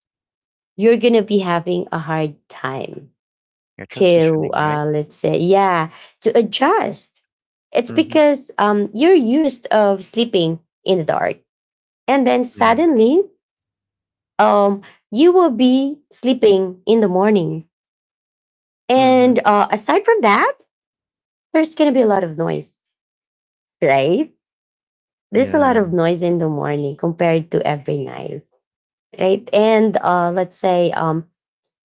you're going to be having a hard time You're to, transitioning, right? Let's say yeah, to adjust. It's Mhm. because you're used of sleeping in the dark, and then Yeah. suddenly um, you will be sleeping in the morning. Mhm. And aside from that, there's going to be a lot of noise, right? There's a lot Yeah. of noise in the morning compared to every night, right? And let's say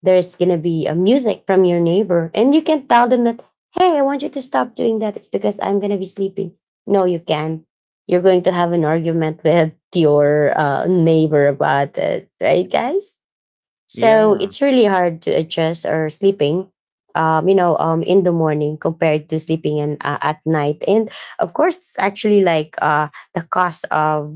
there's gonna be a music from your neighbor, and you can tell them that, hey, I want you to stop doing that. It's because I'm gonna be sleeping. No, you can't. You're going to have an argument [LAUGHS] with your neighbor about it, right, guys? So Yeah. it's really hard to adjust or sleeping, in the morning compared to sleeping in, at night. And of course, it's actually like the cost of,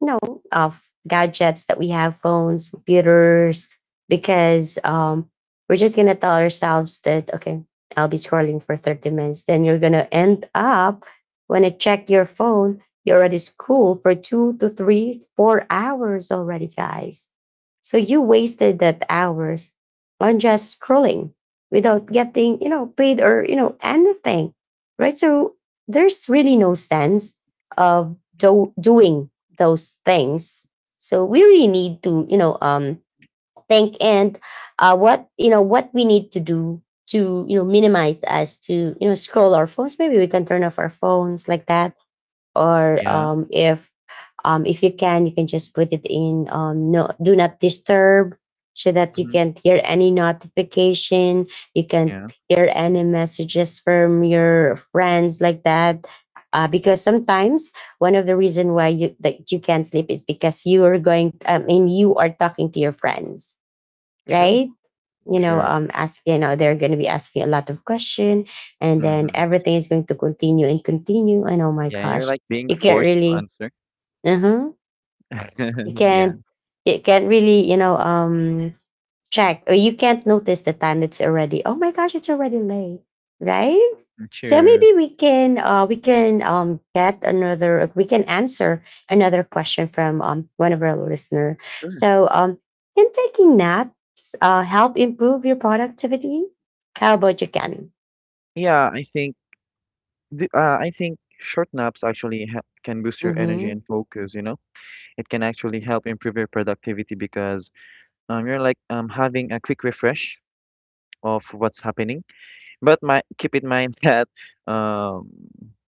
you know, of gadgets that we have, phones, computers, because we're just going to tell ourselves that, okay, I'll be scrolling for 30 minutes. Then you're going to end up, when I check your phone, you're already school for two to three, 4 hours already, guys. So you wasted that hours on just scrolling without getting, you know, paid or, you know, anything. Right? So there's really no sense of doing those things. So we really need to, you know, think and you know, what we need to do to, you know, minimize us to, you know, scroll our phones. Maybe we can turn off our phones like that, or Yeah. If you can, you can just put it in, no, do not disturb, so that you Mhm. can't hear any notification, you can't Yeah. hear any messages from your friends like that. Because sometimes one of the reason why you can't sleep is because you are going. I mean, you are talking to your friends, True. right? You know True. Ask, you know, they're going to be asking a lot of question, and then Mhm. everything is going to continue and continue, and oh my Yeah. You're gosh, like being you can't forced to really, answer. uh-huh, you [LAUGHS] Yeah. can't you can't really, you know, check, or you can't notice the time. It's already, oh my gosh, it's already late, right? So True. maybe we can, we can get another we can answer another question from, one of our listener. Sure. So can taking naps help improve your productivity? How about you, Ken? Yeah. I think short naps actually ha can boost your energy Mm-hmm, and focus. You know. It can actually help improve your productivity because you're like having a quick refresh of what's happening. But keep in mind [LAUGHS] that um,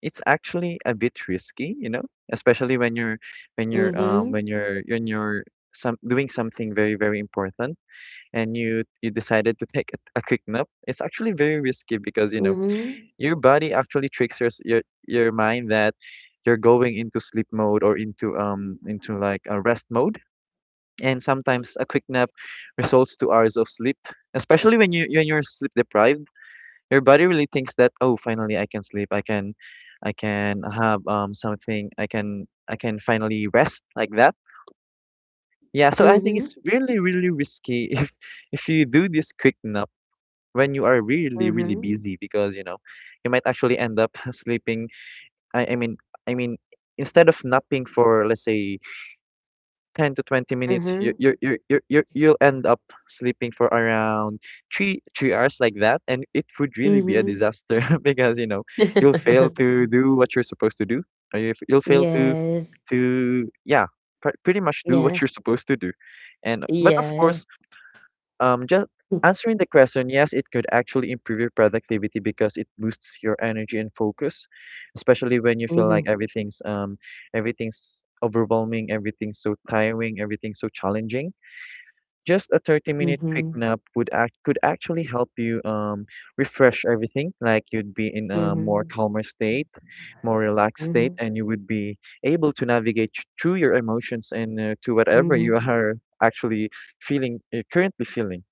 it's actually a bit risky, you know, especially mm-hmm, when you're some doing something very very important, and you decided to take a quick nap. It's actually very risky because, you know, mm-hmm, your body actually tricks your s- your mind that you're going into sleep mode, or into like a rest mode, and sometimes a quick nap results to hours of sleep. Especially when you're sleep deprived, your body really thinks that, oh, finally I can sleep. I can have something. I can finally rest like that. Yeah, so I think mm-hmm, it's really really risky [LAUGHS] if you do this quick nap when you are really really mm-hmm, busy, because you know you might actually end up [LAUGHS] sleeping. I I mean I mean instead of napping for, let's say, 10 to 20 minutes, mm-hmm, you'll end up sleeping for around 3 3 hours like that, and it would really be a mm-hmm. disaster [LAUGHS] because, you know, you'll fail to do what you're supposed to do, or you'll [LAUGHS] fail to Yes. to yeah pretty much do what Yeah, you're supposed to do. And but of yeah. course, just [LAUGHS] answering the question, yes, it could actually improve your productivity because it boosts your energy and focus, especially when you feel like Mm-hmm. Everything's overwhelming, everything's so tiring, everything's so challenging. Just a 30-minute quick Mhm. nap would act could actually help you refresh everything, like you'd be in a more Mhm. calmer state, more relaxed state, Mhm. and you would be able to navigate through your emotions, and to whatever you Mhm. are actually feeling, currently feeling.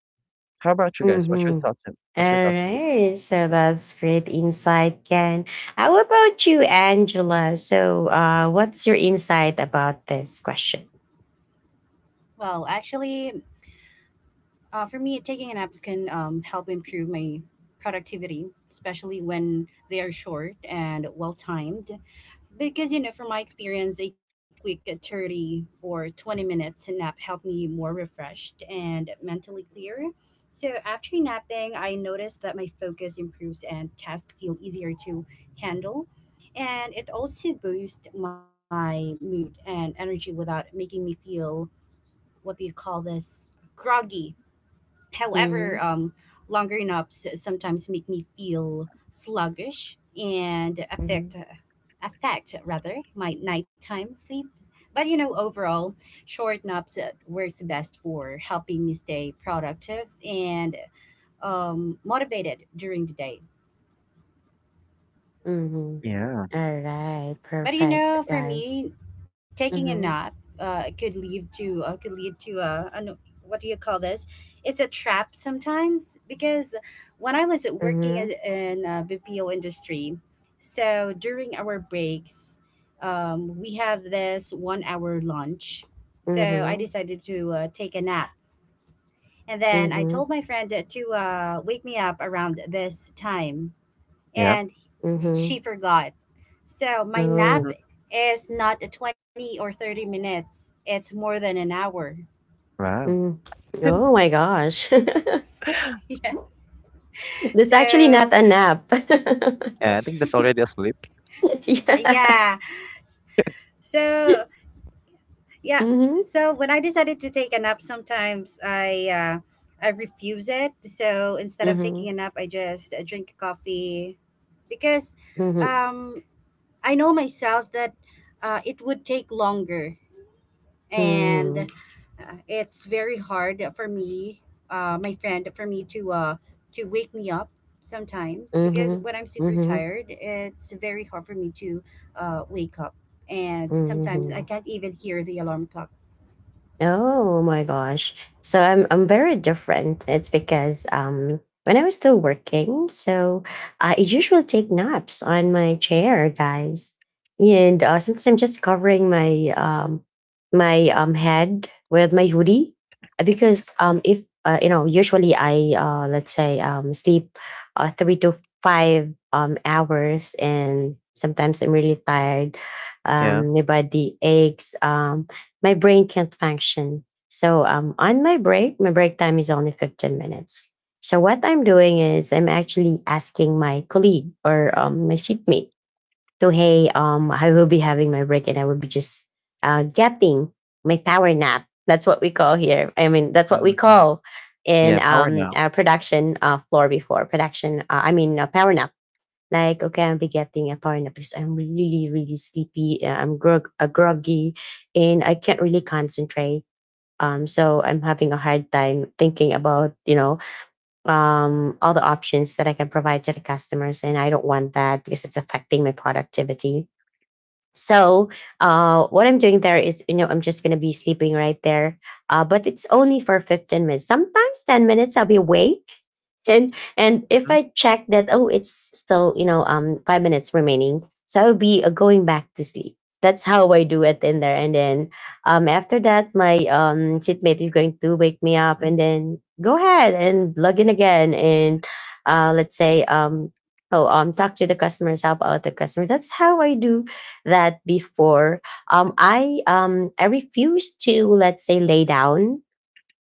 How about you guys? What's your Mhm. thoughts on All this? right, so that's great insight, Ken. How about you, Angela? So, what's your insight about this question? Well, actually, uh, for me, taking a nap can help improve my productivity, especially when they are short and well timed. Because, you know, from my experience, a quick 30 or 20 minutes nap helped me more refreshed and mentally clear. So, after napping, I noticed that my focus improves and tasks feel easier to handle. And it also boosts my mood and energy without making me feel what do you call this, groggy. However, Mhm. Longer naps sometimes make me feel sluggish and Mhm, affect rather my nighttime sleep. But you know, overall, short naps works best for helping me stay productive and motivated during the day. mhm. Yeah. Alright, But you perfect, know, for guys. me, taking a nap Mhm, could lead to an, what do you call this? It's a trap sometimes because when I was working at, mhm, in BPO industry, so during our breaks, we have this 1 hour lunch. So I mhm, decided to take a nap, and then I mhm, told my friend to wake me up around this time, Yeah. and mhm. she forgot. So my nap Oh, Mhm. is not a 20 or 30 minutes. It's more than an hour. Wow. [LAUGHS] mm. Oh my gosh, [LAUGHS] [LAUGHS] Yeah. that's actually So, not a nap. [LAUGHS] Yeah, I think that's already asleep. Yeah. yeah. So, yeah. Mhm, So when I decided to take a nap sometimes I refuse it. So instead of taking mhm, a nap, I just drink coffee because mhm, um I know myself that it would take longer, and mhm, it's very hard for me, my friend for me to wake me up sometimes, because mhm, when I'm super mhm, tired it's very hard for me to wake up, and sometimes I mhm. can't even hear the alarm clock. Oh my gosh. So I'm very different. It's because when I was still working, so I usually take naps on my chair, guys. And sometimes I'm just covering my head with my hoodie. Because if you know, usually I let's say sleep 3 to 5 hours, and sometimes I'm really tired. Yeah. My body aches, my brain can't function. So on my break time is only 15 minutes. So what I'm doing is I'm actually asking my colleague or, my seatmate, to, hey, I will be having my break and I will be just getting my power nap. That's what we call here. I mean, that's what we Mhm. call in, Yeah, power nap. our production floor before production. Power nap. Like, okay, I'll be getting a power nap because I'm really, really sleepy. Groggy and I can't really concentrate. So I'm having a hard time thinking about, you know, all the options that I can provide to the customers. And I don't want that, because it's affecting my productivity. So what I'm doing there is, you know, I'm just gonna be sleeping right there. But it's only for 15 minutes. Sometimes 10 minutes I'll be awake. [LAUGHS] And if Mhm. I check that, oh, it's still, you know, 5 minutes remaining. So I'll be going back to sleep. That's how I do it in there. And then after that, my seatmate is going to wake me up, and then go ahead and log in again, and let's say um oh talk to the customers, help out the customer. That's how I do that before. I refuse to, let's say, lay down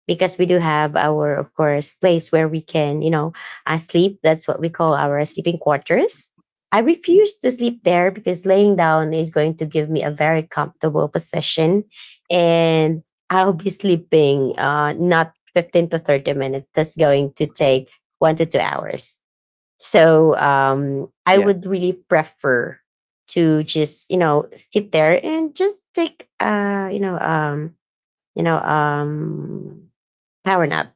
because we do have our, of course, place where we can sleep. That's what we call our sleeping quarters. I refuse to sleep there because laying down is going to give me a very comfortable position, and I'll be sleeping not 15 to 30 minutes. That's going to take 1 to 2 hours. So I Yeah. would really prefer to just sit there and just take you know um power nap.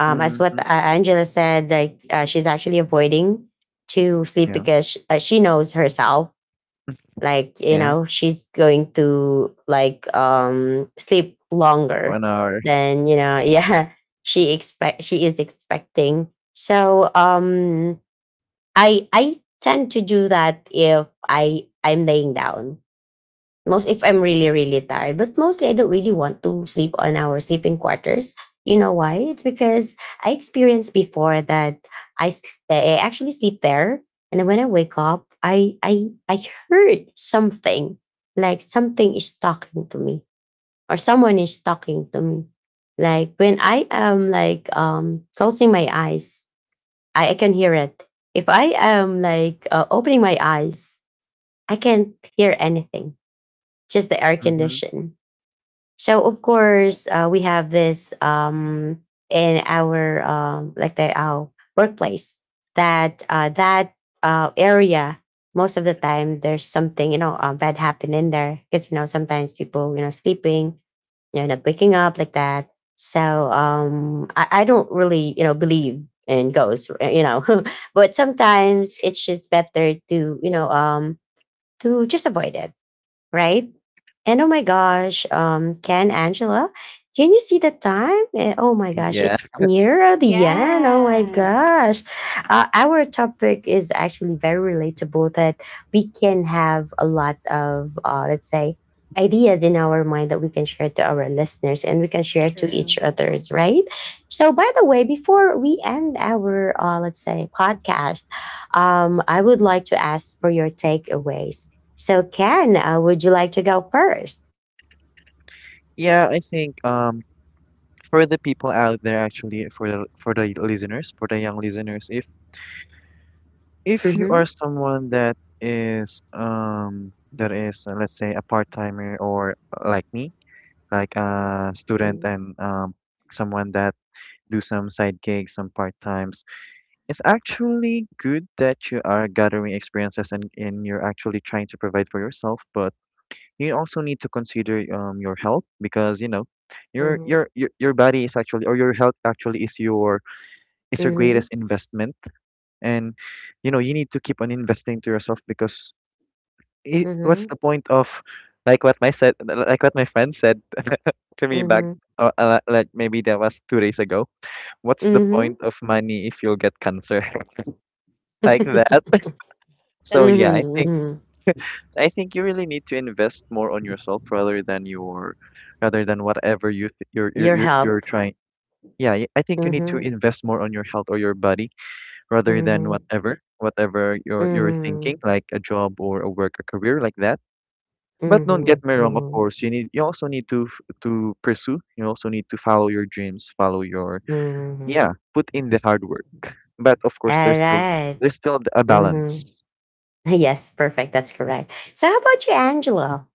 As what Mhm. Angela said, like she's actually avoiding to sleep Yeah. because she knows herself. Like, Yeah. She's going to like sleep longer One hour. than. [LAUGHS] Yeah, she is expecting. So I tend to do that if I'm laying down. Most if I'm really, really tired, but mostly I don't really want to sleep on our sleeping quarters. You know why? It's because I experienced before that I, s- I actually sleep there, and then when I wake up, I heard something, like something is talking to me, or someone is talking to me. Like when I am like closing my eyes, I can hear it. If I am like opening my eyes, I can't hear anything, just the air Mhm. condition. So of course, we have this in our like the our workplace, that area, most of the time there's something bad happen in there because sometimes people sleeping, waking up like that. So I don't really, believe in ghosts, [LAUGHS] but sometimes it's just better to just avoid it, right? And oh my gosh, Ken, Angela, can you see the time? Oh my gosh, Yeah. it's near the end. Oh my Yeah, gosh. Our topic is actually very relatable, that we can have a lot of, let's say, ideas in our mind that we can share to our listeners, and we can share to true, each others, right? So, by the way, before we end our, let's say, podcast, I would like to ask for your takeaways. So, Ken, would you like to go first? Yeah, I think for the people out there, actually for the listeners, for the young listeners, if you Mm-hmm. are someone that is let's say a part-timer, or like me, like a student, and someone that do some side gigs, some part times. It's actually good that you are gathering experiences, and you're actually trying to provide for yourself, but you also need to consider your health, because you know your Mm-hmm. your your, your body is actually, or your health actually, is your Mm-hmm. greatest investment. And, you know, you need to keep on investing to yourself because, what's Mm-hmm. the point of, like what my friend said [LAUGHS] to me back, Mm-hmm. Like, maybe that was 2 days ago, what's the Mm-hmm. point of money if you'll get cancer [LAUGHS] like [LAUGHS] that? [LAUGHS] that's So yeah, true. i think Mm-hmm. i think you really need to invest more on yourself, rather than whatever you th- you're, you're Your you're you're help. trying. Yeah, I think you need to Mm-hmm. invest more on your health or your body, rather than Mm-hmm. whatever you're thinking, Mm-hmm. like a job or a work, a career like that. But don't get me wrong, of course Mm-hmm. you need, you also need to to pursue, you also need to follow your dreams, follow your yeah, Mm-hmm. put in the hard work. But of course, All right. there's still a balance. Mm-hmm. [LAUGHS] Yes, perfect. That's correct. So, how about you, Angela?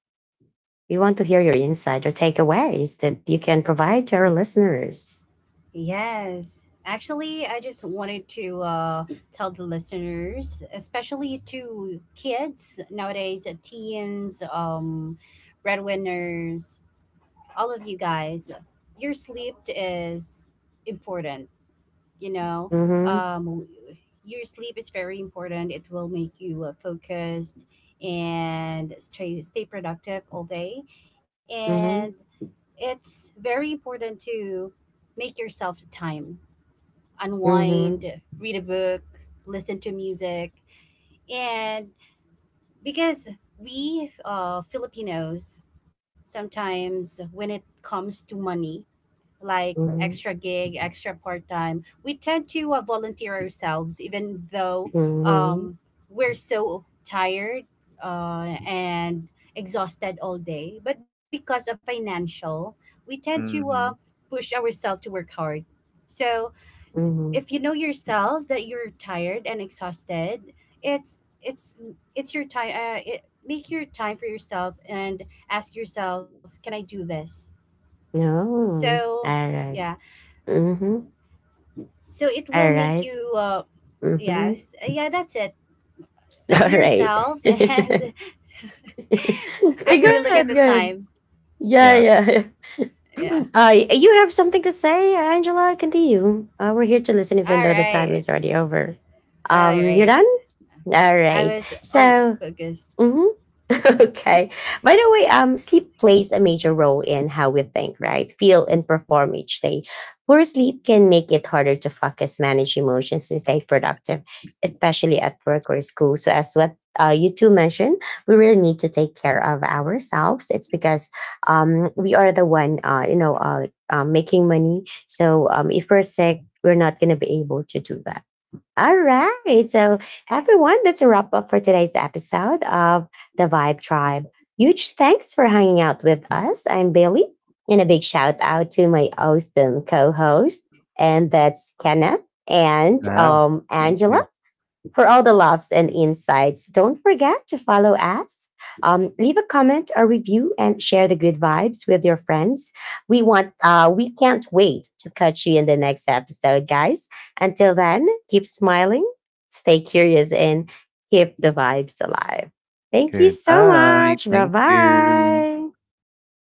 We want to hear your insight or takeaways that you can provide to our listeners. Yes, actually I just wanted to tell the listeners, especially to kids nowadays, teens, breadwinners, all of you guys, your sleep is important. You know, Mhm, um, your sleep is very important. It will make you focused and stay productive all day, and mhm, it's very important to make yourself time, unwind, mhm, read a book, listen to music, and because we Filipinos, sometimes when it comes to money like mhm, extra gig, extra part time, we tend to volunteer ourselves, even though mhm, um, we're so tired and exhausted all day. But because of financial, we tend to Mm-hmm. push ourselves to work hard. So if you mhm. know yourself that you're tired and exhausted, it's it's it's your time. Make your time for yourself and ask yourself, can I do this? No. So Alright. yeah, Mhm. so it will make Alright. you Mhm. yes, yeah, that's it. [LAUGHS] Be [LAUGHS] Alright. yourself [LAUGHS] Eh, and [LAUGHS] actually look at good, the good. time, Yeah, Yeah. yeah, yeah, yeah. You have something to say, Angela? Continue. We're here to listen, all even though the time right, is already over. all right. You're done. All I right. was all So, focused mhm. [LAUGHS] Okay. By the way, sleep plays a major role in how we think, right? Feel and perform each day. Poor sleep can make it harder to focus, manage emotions, and stay productive, especially at work or school. So, as what you two mentioned, we really need to take care of ourselves. It's because we are the one, making money. So, if we're sick, we're not going to be able to do that. All right. So, everyone, that's a wrap up for today's episode of The Vibe Tribe. Huge thanks for hanging out with us. I'm Bailey, and a big shout out to my awesome co host, and that's Kenneth and Wow. Thank you. Angela. For all the laughs and insights, don't forget to follow us. Leave a comment or review, and share the good vibes with your friends. We can't wait to catch you in the next episode, guys. Until then, keep smiling, stay curious, and keep the vibes alive. Thank you so Goodbye. much. Bye Thank you. bye. Bye.